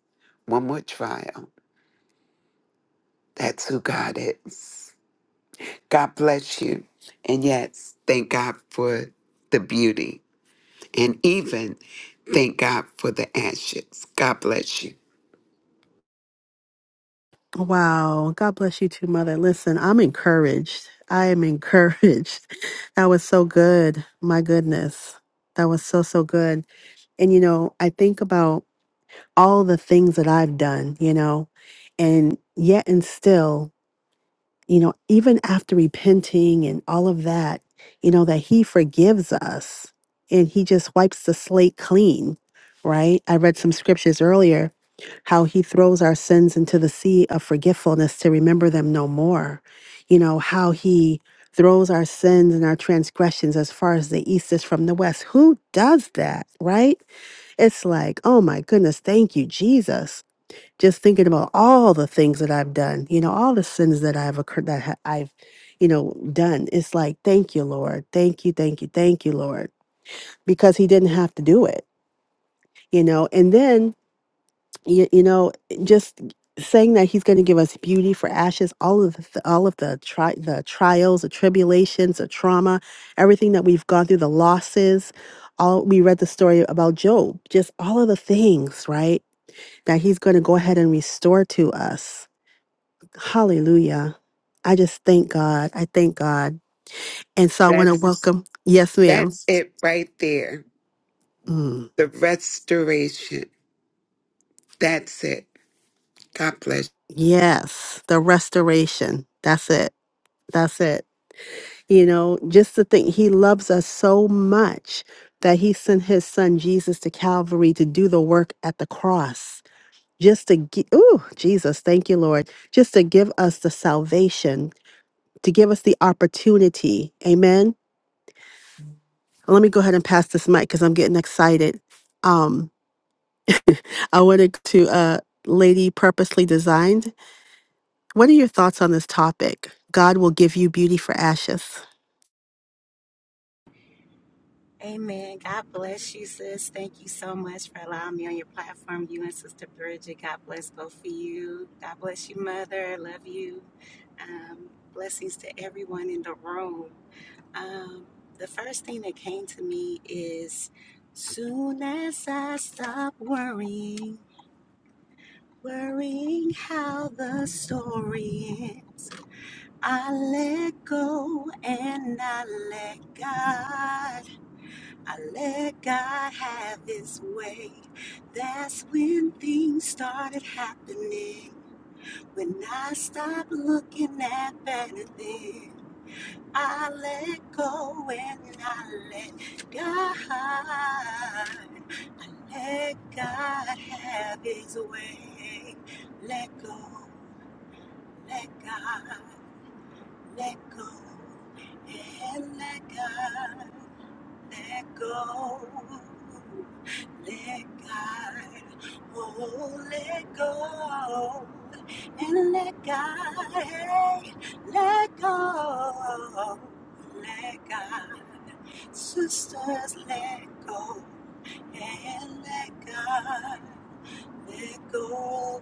S6: one more trial that's who god is god bless you and yes thank god for the beauty and even thank God for the ashes. God bless you.
S1: Wow. God bless you too, Mother. Listen, I'm encouraged. I am encouraged. That was so good. My goodness. That was so, so good. And, you know, I think about all the things that I've done, you know, and yet and still, you know, even after repenting and all of that, you know, that He forgives us and He just wipes the slate clean, right? I read some scriptures earlier how he throws our sins into the sea of forgetfulness to remember them no more. You know, how he throws our sins and our transgressions as far as the east is from the west. Who does that, right? It's like, oh my goodness, thank you, Jesus. Just thinking about all the things that I've done, you know, all the sins that I've occurred, that ha- I've, you know, done. It's like, thank you, Lord. Thank you, thank you, thank you, Lord, because he didn't have to do it, you know. And then you, you know just saying that he's going to give us beauty for ashes all of the th- all of the tri- the trials the tribulations the trauma everything that we've gone through the losses all we read the story about job just all of the things right that he's going to go ahead and restore to us hallelujah i just thank god i thank god and so i want to
S6: That's
S1: welcome yes ma'am
S6: that's it right there.
S1: Mm,
S6: The restoration. That's it. God bless
S1: yes the restoration that's it that's it You know, just to think he loves us so much that he sent his son Jesus to Calvary to do the work at the cross, just to give, oh, Jesus, thank you, Lord, just to give us the salvation, to give us the opportunity. Amen. Let me go ahead and pass this mic because I'm getting excited. Um, I wanted to, uh, Lady Purposely Designed. What are your thoughts on this topic? God will give you beauty for ashes.
S7: Amen. God bless you, sis. Thank you so much for allowing me on your platform. You and Sister Bridget, God bless both of you. God bless you, Mother. I Love you. Um, blessings to everyone in the room. Um, the first thing that came to me is soon as I stop worrying, worrying how the story ends, I let go and I let God. I let God have his way. That's when things started happening. When I stopped looking at better things, I let go and I let God. I let God have his way. Let go, let God, let go, and let God, let go. Let God, oh, let go, and let God, hey, let go, let God. Sisters, let go, and let God, let go,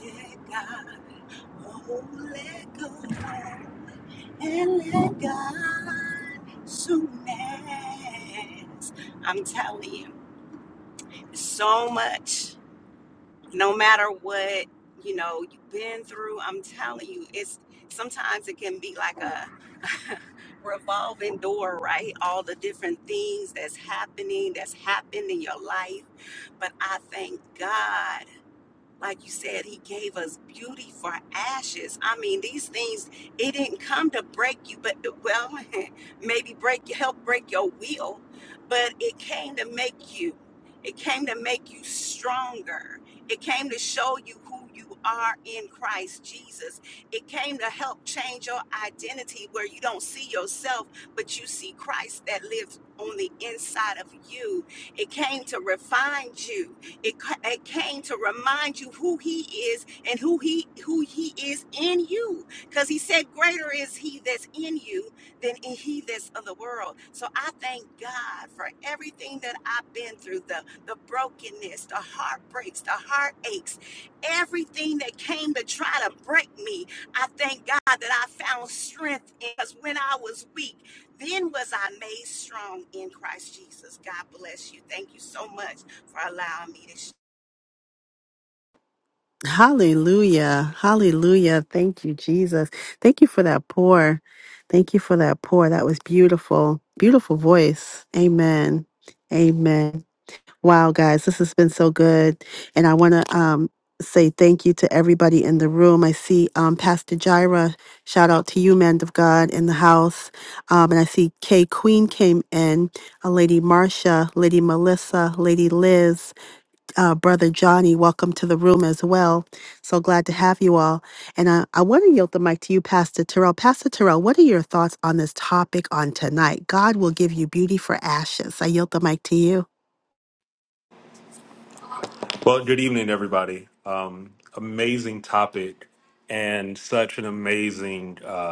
S7: let God, oh, let go, and let God. Soon as I'm telling you so much no matter what you know you've been through i'm telling you it's sometimes it can be like a revolving door right all the different things that's happening that's happened in your life but i thank god like you said, he gave us beauty for ashes. I mean, these things, it didn't come to break you, but uh, well, maybe break help break your will, but it came to make you. It came to make you stronger. It came to show you who you are in Christ Jesus. It came to help change your identity where you don't see yourself, but you see Christ that lives on the inside of you. It came to refine you it, ca- it came to remind you who he is and who he who he is in you. Because he said, Greater is he that's in you than in he that's of the world. So I thank God for everything that I've been through, the the brokenness, the heartbreaks, the heartaches, everything that came to try to break me. I thank God that I found strength in, because when I was weak, then was I made strong in Christ Jesus. God bless you. Thank you so much for allowing me to
S1: Hallelujah. Hallelujah. Thank you, Jesus. Thank you for that pour. Thank you for that pour. That was beautiful. Beautiful voice. Amen. Amen. Wow, guys, this has been so good. And I want to um, say thank you to everybody in the room. I see um, Pastor Jira. Shout out to you, man of God, in the house. Um, and I see Kay Queen came in, a Lady Marcia, Lady Melissa, Lady Liz uh, Brother Johnny. Welcome to the room as well. So glad to have you all. And uh, I want to yield the mic to you, Pastor Terrell. Pastor Terrell, what are your thoughts on this topic on tonight? God will give you beauty for ashes. I yield the mic to you.
S8: Well, good evening, everybody. Um, amazing topic and such an amazing uh,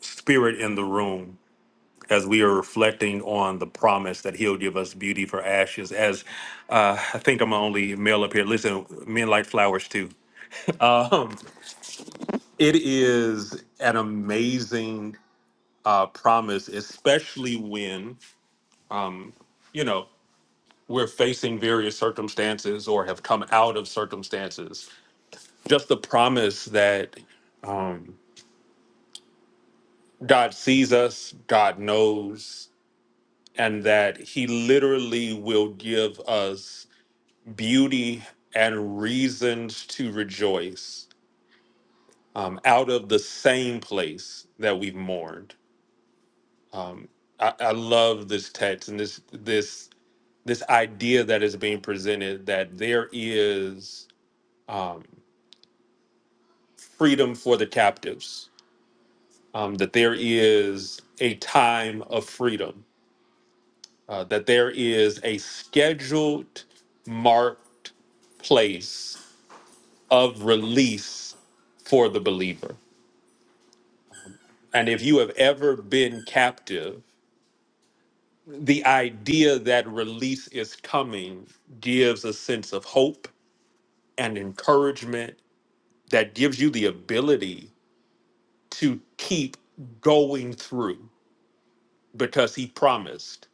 S8: spirit in the room as we are reflecting on the promise that he'll give us beauty for ashes. As uh, I think I'm the only male up here. Listen, men like flowers too. Um, it is an amazing uh, promise, especially when you know, we're facing various circumstances or have come out of circumstances. just the promise that um, God sees us, God knows, and that He literally will give us beauty and reasons to rejoice um, out of the same place that we've mourned. Um, I, I love this text and this this this idea that is being presented that there is um, freedom for the captives, um, that there is a time of freedom uh, that there is a scheduled marked place of release for the believer. And if you have ever been captive, the idea that release is coming gives a sense of hope and encouragement that gives you the ability to keep going through because he promised.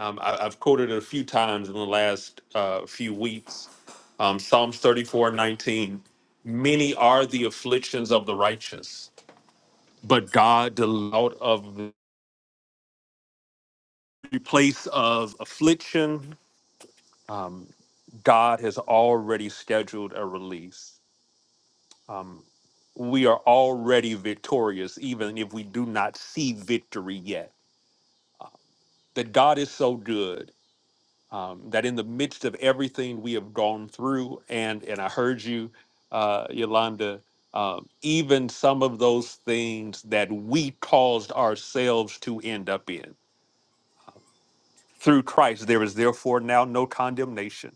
S8: Um, I, I've quoted it a few times in the last uh, few weeks. Um, Psalms 34:19. Many are the afflictions of the righteous, but God del- out of the place of affliction. Um, God has already scheduled a release. Um, we are already victorious, even if we do not see victory yet. That God is so good um, that in the midst of everything we have gone through, and and I heard you, uh, Yolanda, um, even some of those things that we caused ourselves to end up in. Through Christ, there is therefore now no condemnation.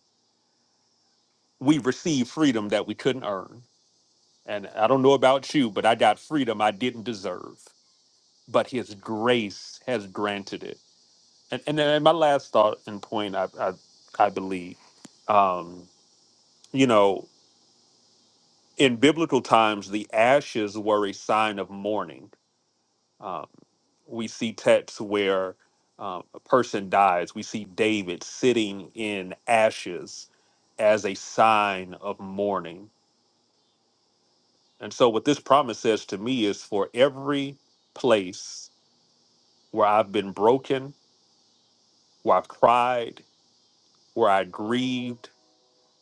S8: We receive freedom that we couldn't earn. And I don't know about you, but I got freedom I didn't deserve, but His grace has granted it. And and, then my last thought and point, I I, I believe, um, you know, in biblical times, the ashes were a sign of mourning. Um, we see texts where uh, a person dies. We see David sitting in ashes as a sign of mourning. And so, what this promise says to me is for every place where I've been broken, where I've cried, where I grieved,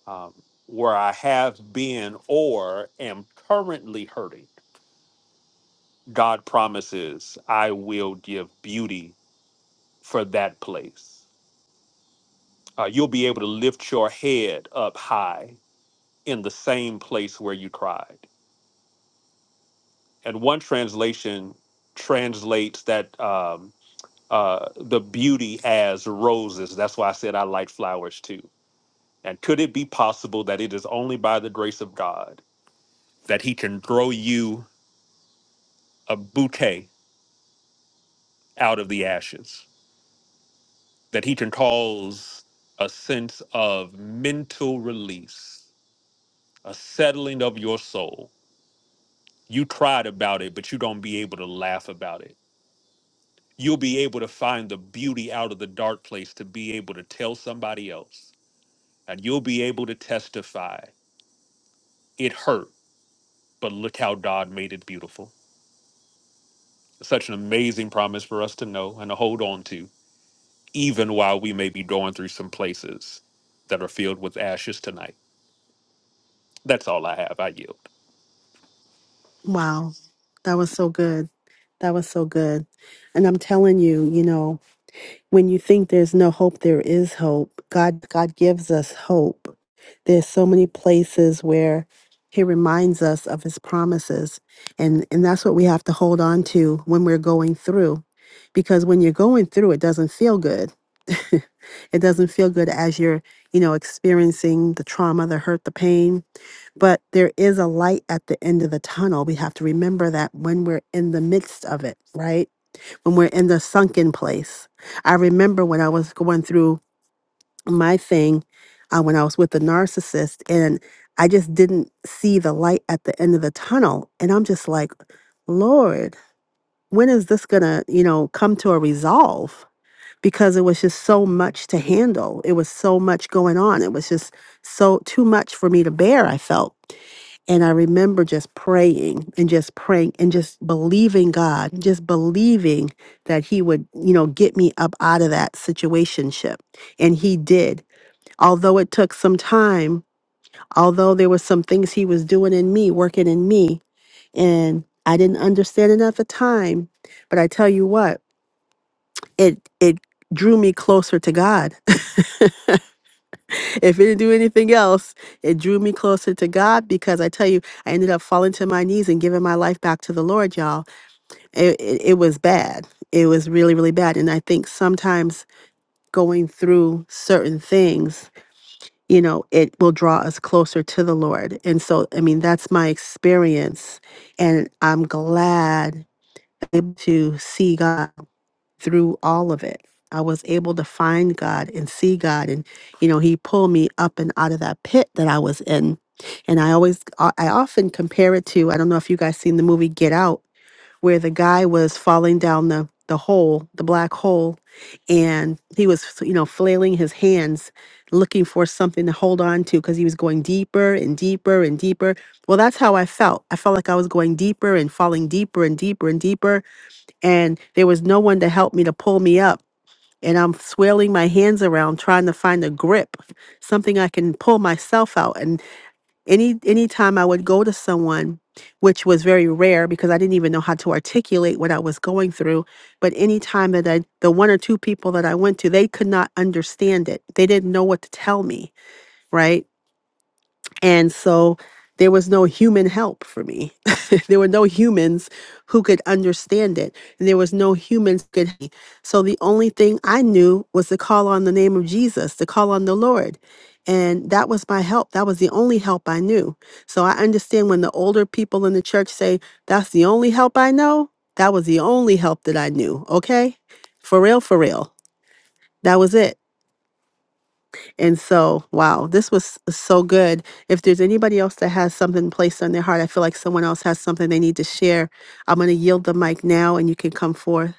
S8: um, where I have been or am currently hurting. God promises, I will give beauty for that place. Uh, you'll be able to lift your head up high in the same place where you cried. And one translation translates that um, uh, the beauty as roses. That's why I said I like flowers too. And could it be possible that it is only by the grace of God that He can grow you a bouquet out of the ashes? that he can cause a sense of mental release, a settling of your soul. You cried about it, but you don't be able to laugh about it. You'll be able to find the beauty out of the dark place to be able to tell somebody else. And you'll be able to testify. It hurt, but look how God made it beautiful. Such an amazing promise for us to know and to hold on to, even while we may be going through some places that are filled with ashes tonight. That's all I have. I yield.
S1: Wow, that was so good. That was so good. And I'm telling you, you know, when you think there's no hope, there is hope. God God gives us hope. There's so many places where he reminds us of his promises. And and that's what we have to hold on to when we're going through. Because when you're going through, it doesn't feel good. it doesn't feel good as you're, you know, experiencing the trauma, the hurt, the pain but there is a light at the end of the tunnel. We have to remember that when we're in the midst of it, right? When we're in the sunken place. I remember when I was going through my thing, uh, when I was with the narcissist, and I just didn't see the light at the end of the tunnel. And I'm just like, Lord, when is this going to, you know, come to a resolve? Because it was just so much to handle. It was so much going on. It was just so too much for me to bear, I felt. And I remember just praying and just praying and just believing God, just believing that He would, you know, get me up out of that situationship. And He did. Although it took some time, although there were some things He was doing in me, working in me, and I didn't understand it at the time. But I tell you what, it it drew me closer to God. if it didn't do anything else, it drew me closer to God because I tell you, I ended up falling to my knees and giving my life back to the Lord, y'all. It, it, it was bad. It was really, really bad. And I think sometimes going through certain things, you know, it will draw us closer to the Lord. And so, I mean, that's my experience. And I'm glad I'm able to see God through all of it. I was able to find God and see God. And, you know, He pulled me up and out of that pit that I was in. And I always, I I often compare it to, I don't know if you guys seen the movie Get Out, where the guy was falling down the, the hole, the black hole, and he was, you know, flailing his hands, looking for something to hold on to because he was going deeper and deeper and deeper. Well, that's how I felt. I felt like I was going deeper and falling deeper and deeper and deeper and there was no one to help me to pull me up. And I'm swirling my hands around trying to find a grip, something I can pull myself out. And any any time I would go to someone, which was very rare because I didn't even know how to articulate what I was going through, but any time that I the one or two people that I went to, they could not understand it. They didn't know what to tell me, right? And so there was no human help for me. there were no humans who could understand it. And there was no humans who could so the only thing I knew was to call on the name of Jesus, to call on the Lord. And that was my help. That was the only help I knew. So I understand when the older people in the church say, that's the only help I know. That was the only help that I knew. Okay. For real, for real. That was it. And so, wow, this was so good. If there's anybody else that has something placed on their heart, I feel like someone else has something they need to share. I'm going to yield the mic now and you can come forth.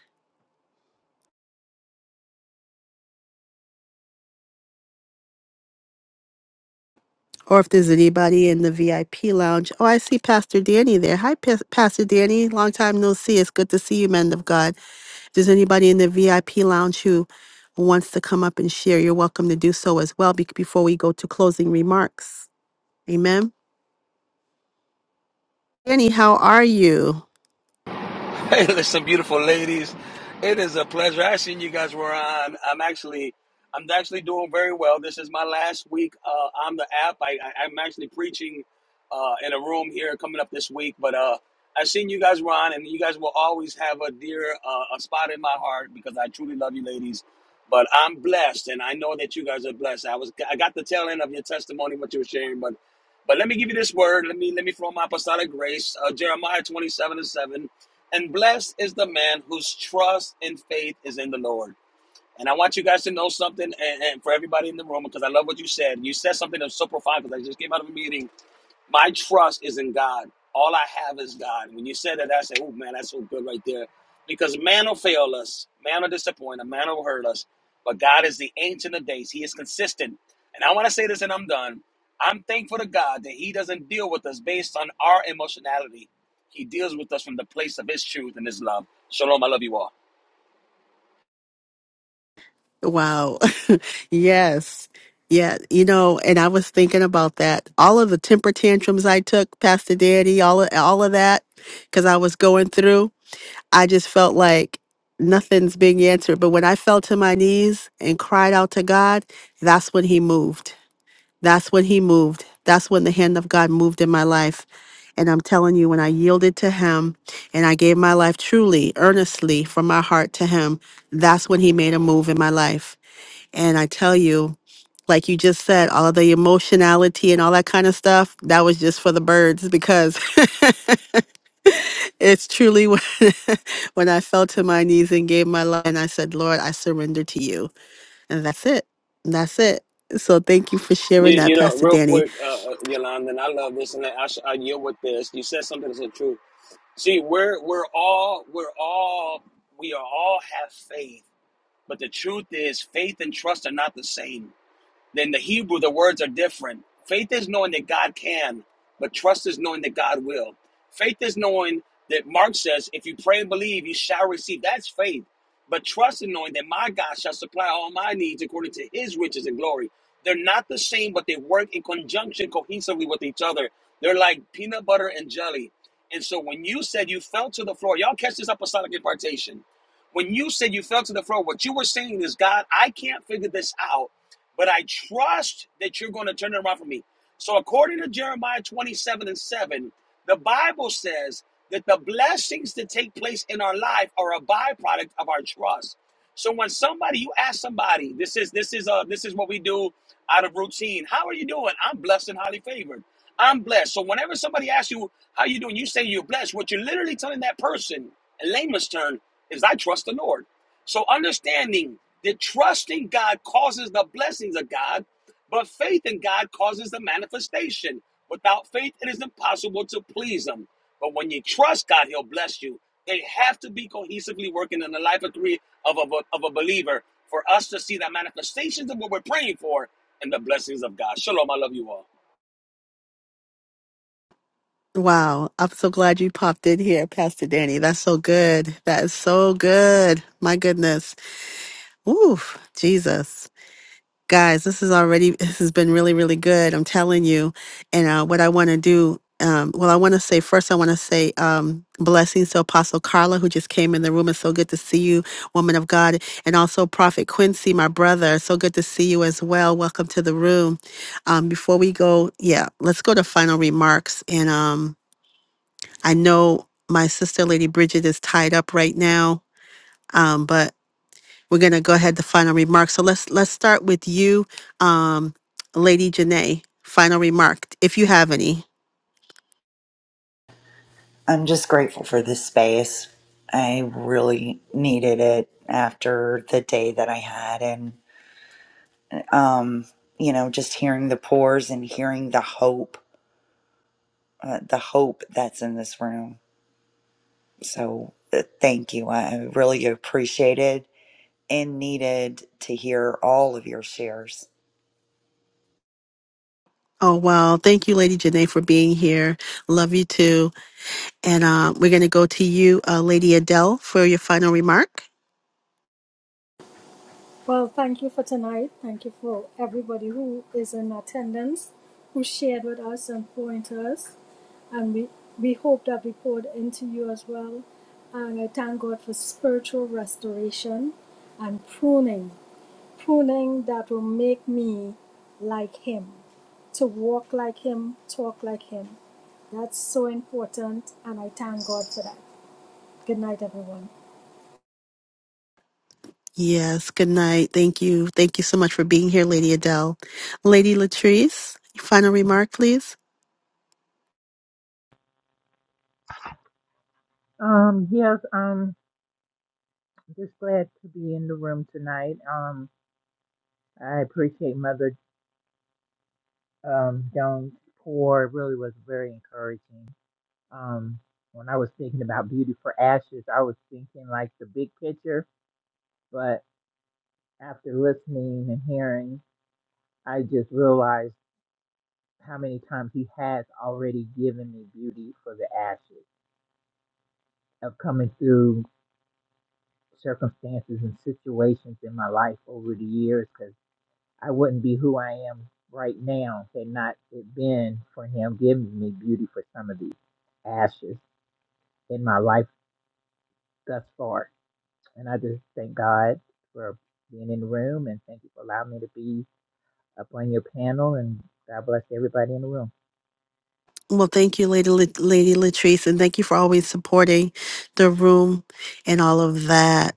S1: Or if there's anybody in the VIP lounge, oh, I see Pastor Danny there. Hi, Pas- Pastor Danny. Long time no see. It's good to see you, men of God. If there's anybody in the VIP lounge who wants to come up and share, you're welcome to do so as well be- before we go to closing remarks. Amen. Danny, how are you?
S9: Hey, listen, beautiful ladies. It is a pleasure. I seen you guys were on. I'm actually, I'm actually doing very well. This is my last week uh, on the app. I, I, I'm actually preaching uh, in a room here coming up this week. But uh, I seen you guys were on, and you guys will always have a dear uh, a spot in my heart because I truly love you, ladies. But I'm blessed, and I know that you guys are blessed. I was, I got the tail end of your testimony, what you were sharing, but, but let me give you this word. Let me, let me throw my apostolic grace. Uh, Jeremiah 27 and 7. And blessed is the man whose trust and faith is in the Lord. And I want you guys to know something, and, and for everybody in the room, because I love what you said. You said something that was so profound because I just came out of a meeting my trust is in God. All I have is God. When you said that, I said, oh man, that's so good right there. Because man will fail us, man will disappoint, us, man will hurt us. But God is the ancient of days. He is consistent. And I want to say this and I'm done. I'm thankful to God that He doesn't deal with us based on our emotionality. He deals with us from the place of His truth and His love. Shalom, I love you all.
S1: Wow. yes. Yeah. You know, and I was thinking about that. All of the temper tantrums I took, Pastor Daddy, all of, all of that, because I was going through, I just felt like nothing's being answered. But when I fell to my knees and cried out to God, that's when He moved. That's when He moved. That's when the hand of God moved in my life. And I'm telling you, when I yielded to Him and I gave my life truly, earnestly from my heart to Him, that's when He made a move in my life. And I tell you, like you just said, all of the emotionality and all that kind of stuff, that was just for the birds because it's truly when, when I fell to my knees and gave my life and I said, Lord, I surrender to you. And that's it. That's it. So thank you for
S9: Yeah,
S1: sharing that, Pastor
S9: real
S1: Danny.
S9: quick, uh, uh, Yolanda, and I love this, and I, I, sh- I yield with this. You said something that's the truth. See, we're we're all we're all we are all have faith, but the truth is faith and trust are not the same. Then the Hebrew, the words are different. Faith is knowing that God can, but trust is knowing that God will. Faith is knowing that Mark says, if you pray and believe, you shall receive. That's faith. But trust in knowing that my God shall supply all my needs according to his riches and glory. They're not the same, but they work in conjunction cohesively with each other. They're like peanut butter and jelly. And so when you said you fell to the floor, y'all catch this apostolic impartation. When you said you fell to the floor, what you were saying is, God, I can't figure this out but I trust that you're going to turn it around for me. So, according to Jeremiah 27 and 7, the Bible says that the blessings that take place in our life are a byproduct of our trust. So when somebody you ask somebody, this is this is uh this is what we do out of routine. How are you doing? I'm blessed and highly favored. I'm blessed. So whenever somebody asks you how you doing, you say you're blessed. What you're literally telling that person, in layman's term, is I trust the Lord. So understanding that trusting God causes the blessings of God. But faith in God causes the manifestation. Without faith, it is impossible to please Him. But when you trust God, He'll bless you. They have to be cohesively working in the life of three of a, of a believer for us to see the manifestations of what we're praying for and the blessings of God. Shalom. I love you all.
S1: Wow, I'm so glad you popped in here, Pastor Danny. That's so good. That is so good. My goodness. Oof, Jesus. Guys, this is already, this has been really, really good. I'm telling you. And uh, what I want to do, um, well, I want to say first, I want to say um, blessings to Apostle Carla, who just came in the room. It's so good to see you, woman of God. And also Prophet Quincy, my brother. So good to see you as well. Welcome to the room. Um, before we go, yeah, let's go to final remarks. And, um, I know my sister, Lady Bridget, is tied up right now, um, but we're going to go ahead to final remarks. So let's let's start with you, um, Lady Janae. Final remark, if you have any.
S2: I'm just grateful for this space. I really needed it after the day that I had. and. um, you know, just hearing the pores and hearing the hope, uh, the hope that's in this room. So uh, thank you. I I really appreciated and needed to hear all of your shares.
S1: Oh well, thank you, Lady Janae, for being here. Love you too. And um, we're going to go to you, uh, Lady Adele, for your final remark.
S5: Well, thank you for tonight. Thank you for everybody who is in attendance, who shared with us and pointers, And we, we hope that we poured into you as well. And I thank God for spiritual restoration and pruning, pruning that will make me like Him, to walk like Him, talk like Him. That's so important, and I thank God for that. Good night, everyone.
S1: Yes. Good night. Thank you. Thank you so much for being here, Lady Adele. Lady Latrice, final remark, please.
S4: Um, yes, um, just glad to be in the room tonight. Um, I appreciate Mother um Jones' pour. It really was very encouraging. Um, when I was thinking about Beauty for Ashes, I was thinking like the big picture, but after listening and hearing, I just realized how many times he has already given me beauty for the ashes of coming through circumstances and situations in my life over the years because I wouldn't be who I am right now had not it been for him giving me beauty for some of the ashes in my life thus far. And I just thank God for being in the room and thank you for allowing me to be up on your panel and God bless everybody in the room.
S1: Well, thank you, Lady Lat- Lady Latrice, and thank you for always supporting the room and all of that.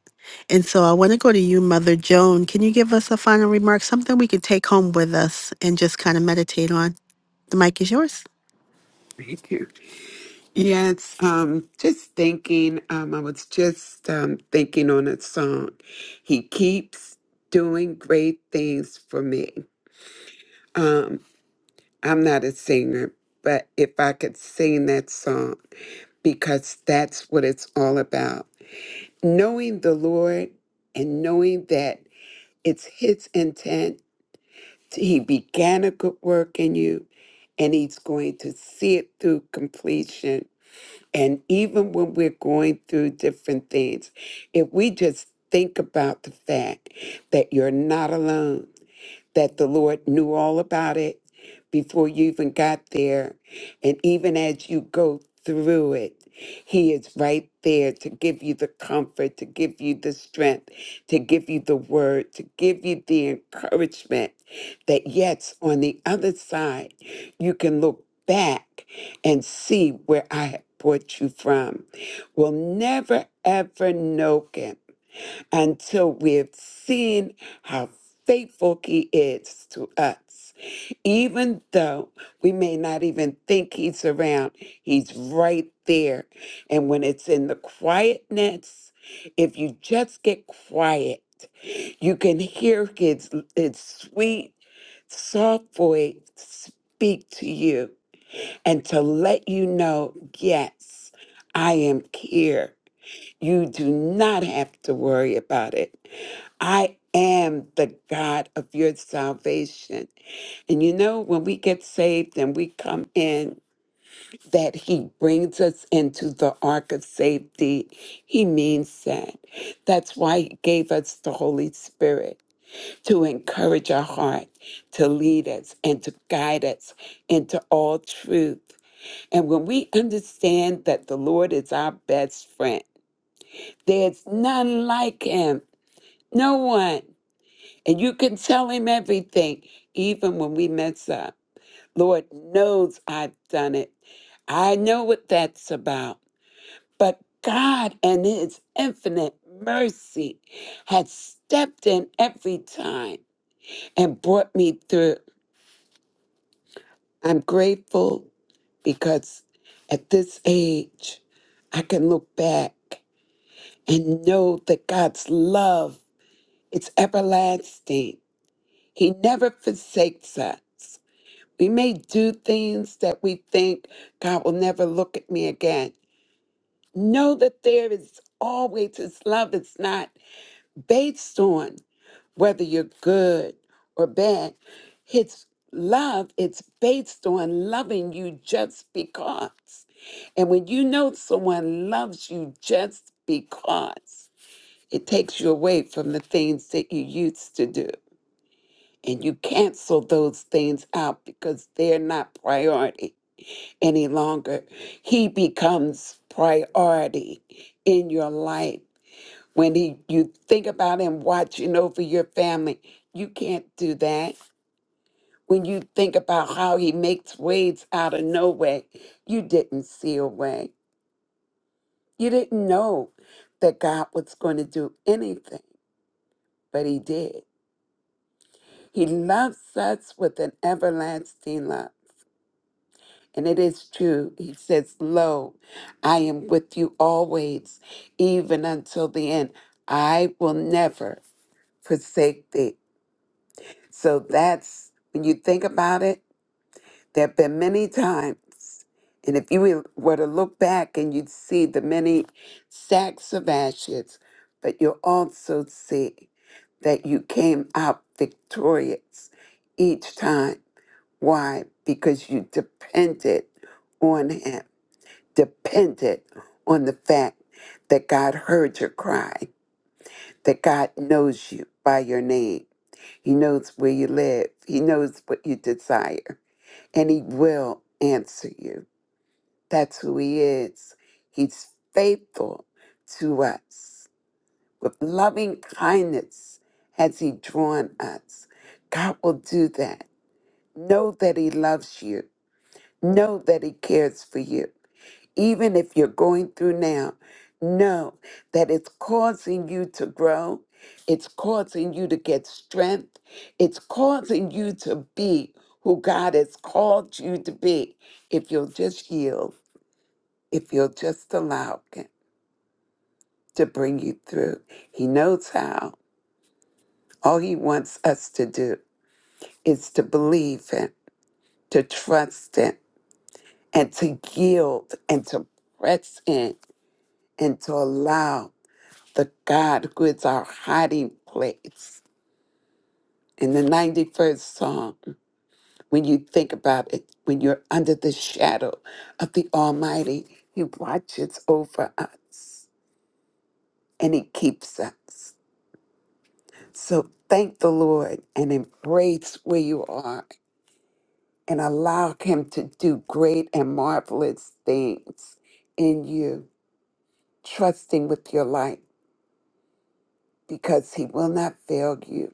S1: And so I want to go to you, Mother Joan. Can you give us a final remark, something we could take home with us and just kind of meditate on? The mic is yours.
S6: you. Thank you. Yes, um, just thinking, um, I was just um, thinking on a song. He keeps doing great things for me. Um, I'm not a singer, but if I could sing that song, because that's what it's all about. knowing the Lord and knowing that it's His intent, He began a good work in you and He's going to see it through completion. And even when we're going through different things, if we just think about the fact that you're not alone, that the Lord knew all about it before you even got there. And even as you go through it, He is right there to give you the comfort, to give you the strength, to give you the word, to give you the encouragement that, yes, on the other side, you can look back and see where I have brought you from. We'll never, ever know, Kim until we've seen how faithful He is to us. Even though we may not even think He's around, He's right there. And when it's in the quietness, if you just get quiet, you can hear His, his sweet, soft voice speak to you and to let you know, yes, I am here. You do not have to worry about it. I am the God of your salvation. And you know, when we get saved and we come in, that he brings us into the ark of safety. He means that. That's why he gave us the Holy Spirit to encourage our heart, to lead us, and to guide us into all truth. And when we understand that the Lord is our best friend, there's none like him, no one. And you can tell him everything, even when we mess up. Lord knows I've done it. I know what that's about. But God and his infinite mercy had stepped in every time and brought me through. I'm grateful because at this age, I can look back and know that God's love is everlasting. He never forsakes us. We may do things that we think God will never look at me again. Know that there is always His love. It's not based on whether you're good or bad. His love it's based on loving you just because. And when you know someone loves you just because, it takes you away from the things that you used to do. And you cancel those things out because they're not priority any longer. He becomes priority in your life. When he, you think about him watching over your family, you can't do that. When you think about how he makes ways out of no way, you didn't see a way. You didn't know that God was going to do anything, but he did. He loves us with an everlasting love. And it is true. He says, Lo, I am with you always, even until the end. I will never forsake thee. So that's when you think about it, there have been many times. And if you were were to look back and you'd see the many sacks of ashes, but you'll also see that you came out victorious each time. Why? Because you depended on Him dependent on the fact that God heard your cry, that God knows you by your name. He knows where you live, He knows what you desire, and He will answer you. That's who He is. He's faithful to us. With loving kindness has He drawn us. God will do that. Know that He loves you Know that He cares for you. Even if you're going through now, know that it's causing you to grow. It's causing you to get strength. It's causing you to be who God has called you to be. If you'll just yield, if you'll just allow Him to bring you through, He knows how. All He wants us to do is to believe Him, to trust Him, and to yield and to press in and to allow the God who is our hiding place. In the 91st Psalm, when you think about it, when you're under the shadow of the Almighty, He watches over us and He keeps us. So thank the Lord and embrace where you are and allow Him to do great and marvelous things in you. Trust Him with your life because He will not fail you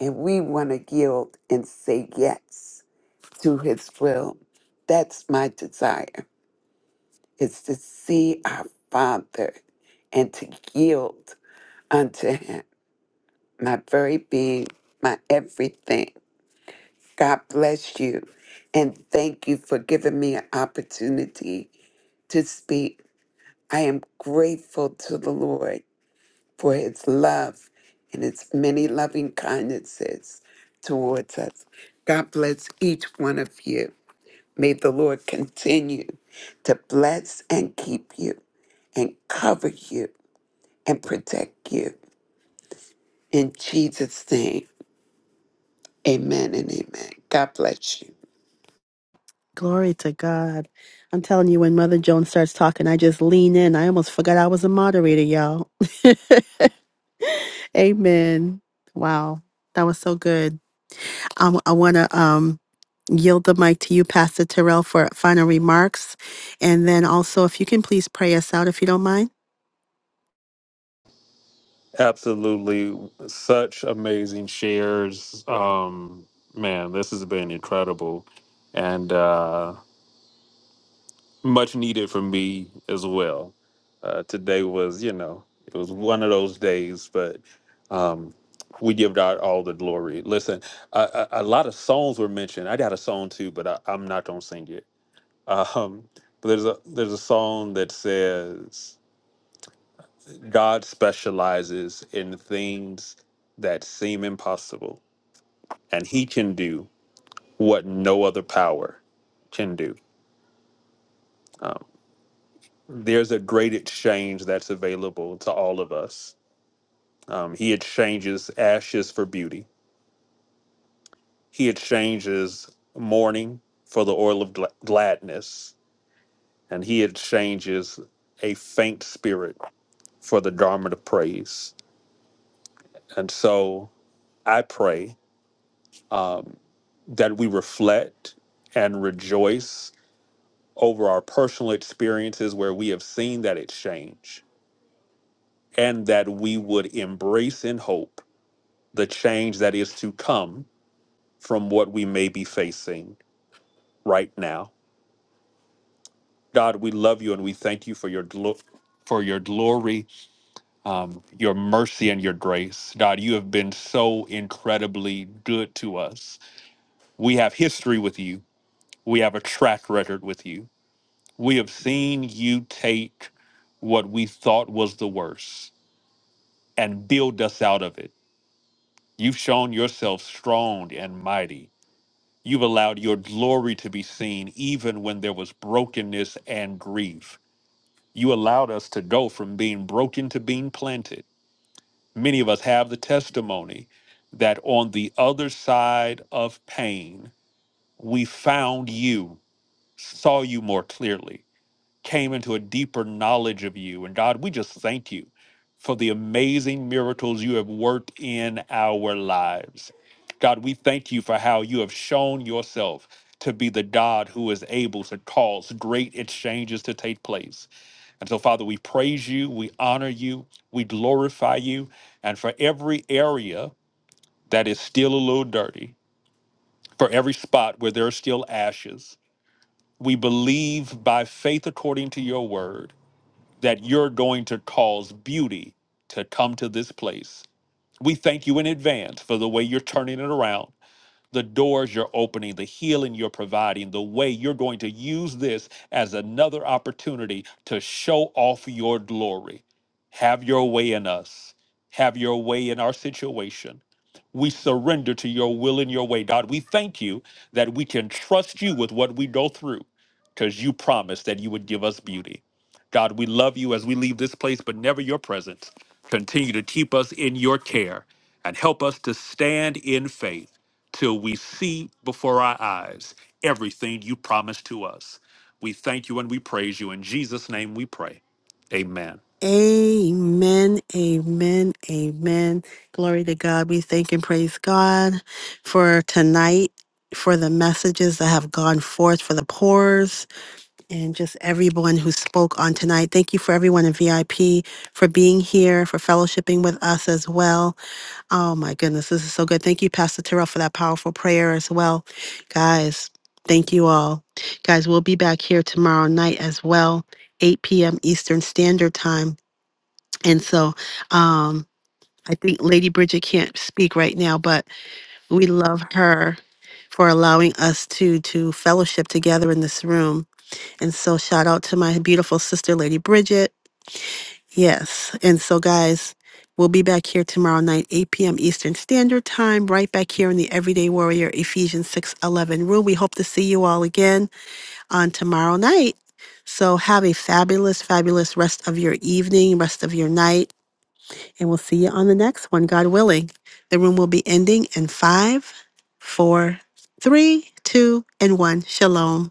S6: and we want to yield and say yes to his will. That's my desire is to see our Father and to yield unto him, my very being, my everything. God bless you and thank you for giving me an opportunity to speak. I am grateful to the Lord for his love and his many loving kindnesses towards us. God bless each one of you. May the Lord continue to bless and keep you and cover you and protect you. In Jesus' name, amen and amen. God bless you.
S1: Glory to God. I'm telling you, when Mother Joan starts talking, I just lean in. I almost forgot I was a moderator, y'all. Amen. Wow, that was so good. I, want to. yield the mic to you, Pastor Terrell, for final remarks. And then also, if you can please pray us out, if you don't mind.
S8: Absolutely. Such amazing shares. Um, man, this has been incredible and uh, much needed for me as well. Uh, today was, you know, it was one of those days, but um, we give God all the glory. Listen, a, a, a lot of songs were mentioned. I got a song too, but I, I'm not going to sing it. Um, but there's a there's a song that says, God specializes in things that seem impossible, and He can do what no other power can do. Um, there's a great exchange that's available to all of us. Um, he exchanges ashes for beauty, He exchanges mourning for the oil of gla- gladness, and He exchanges a faint spirit for the garment of praise. And so I pray. Um, that we reflect and rejoice over our personal experiences where we have seen that it's change, and that we would embrace in hope the change that is to come from what we may be facing right now. God, we love you and we thank you for your glo- for your glory, um, your mercy and your grace. God, you have been so incredibly good to us. We have history with you. We have a track record with you We have seen you take what we thought was the worst and build us out of it. You've shown yourself strong and mighty. You've allowed your glory to be seen even when there was brokenness and grief. You allowed us to go from being broken to being planted. Many of us have the testimony that on the other side of pain, we found you, saw you more clearly came into a deeper knowledge of you. And God, we just thank you for the amazing miracles you have worked in our lives. God, we thank you for how you have shown yourself to be the God who is able to cause great exchanges to take place. And so, Father, we praise you, we honor you, we glorify you. And for every area that is still a little dirty, for every spot where there are still ashes, we believe by faith according to your word that you're going to cause beauty to come to this place. We thank you in advance for the way you're turning it around the doors you're opening, the healing you're providing, the way you're going to use this as another opportunity to show off your glory. Have your way in us, have your way in our situation. We surrender to your will and your way, God. We thank you that we can trust you with what we go through because you promised that you would give us beauty. God, we love you as we leave this place, but never your presence. Continue to keep us in your care and help us to stand in faith till we see before our eyes everything you promised to us. We thank you and we praise you. In Jesus' name we pray. Amen.
S1: Amen, amen, amen. Glory to God. We thank and praise God for tonight, for the messages that have gone forth, for the pours, and just everyone who spoke on tonight. Thank you for everyone in VIP for being here, for fellowshipping with us as well. Oh my goodness, this is so good. Thank you, Pastor Terrell, for that powerful prayer as well. Guys, thank you all. Guys, we'll be back here tomorrow night as well, 8 p.m. Eastern Standard Time. And so um, I think Lady Bridget can't speak right now, but we love her for allowing us to to fellowship together in this room. And so shout out to my beautiful sister, Lady Bridget. Yes. And so guys, we'll be back here tomorrow night, 8 p.m. Eastern Standard Time, right back here in the Everyday Warrior Ephesians 6:11 room. We hope to see you all again on tomorrow night. So have a fabulous, fabulous rest of your evening, rest of your night. And we'll see you on the next one, God willing. The room will be ending in five, four, three, two, and one. Shalom.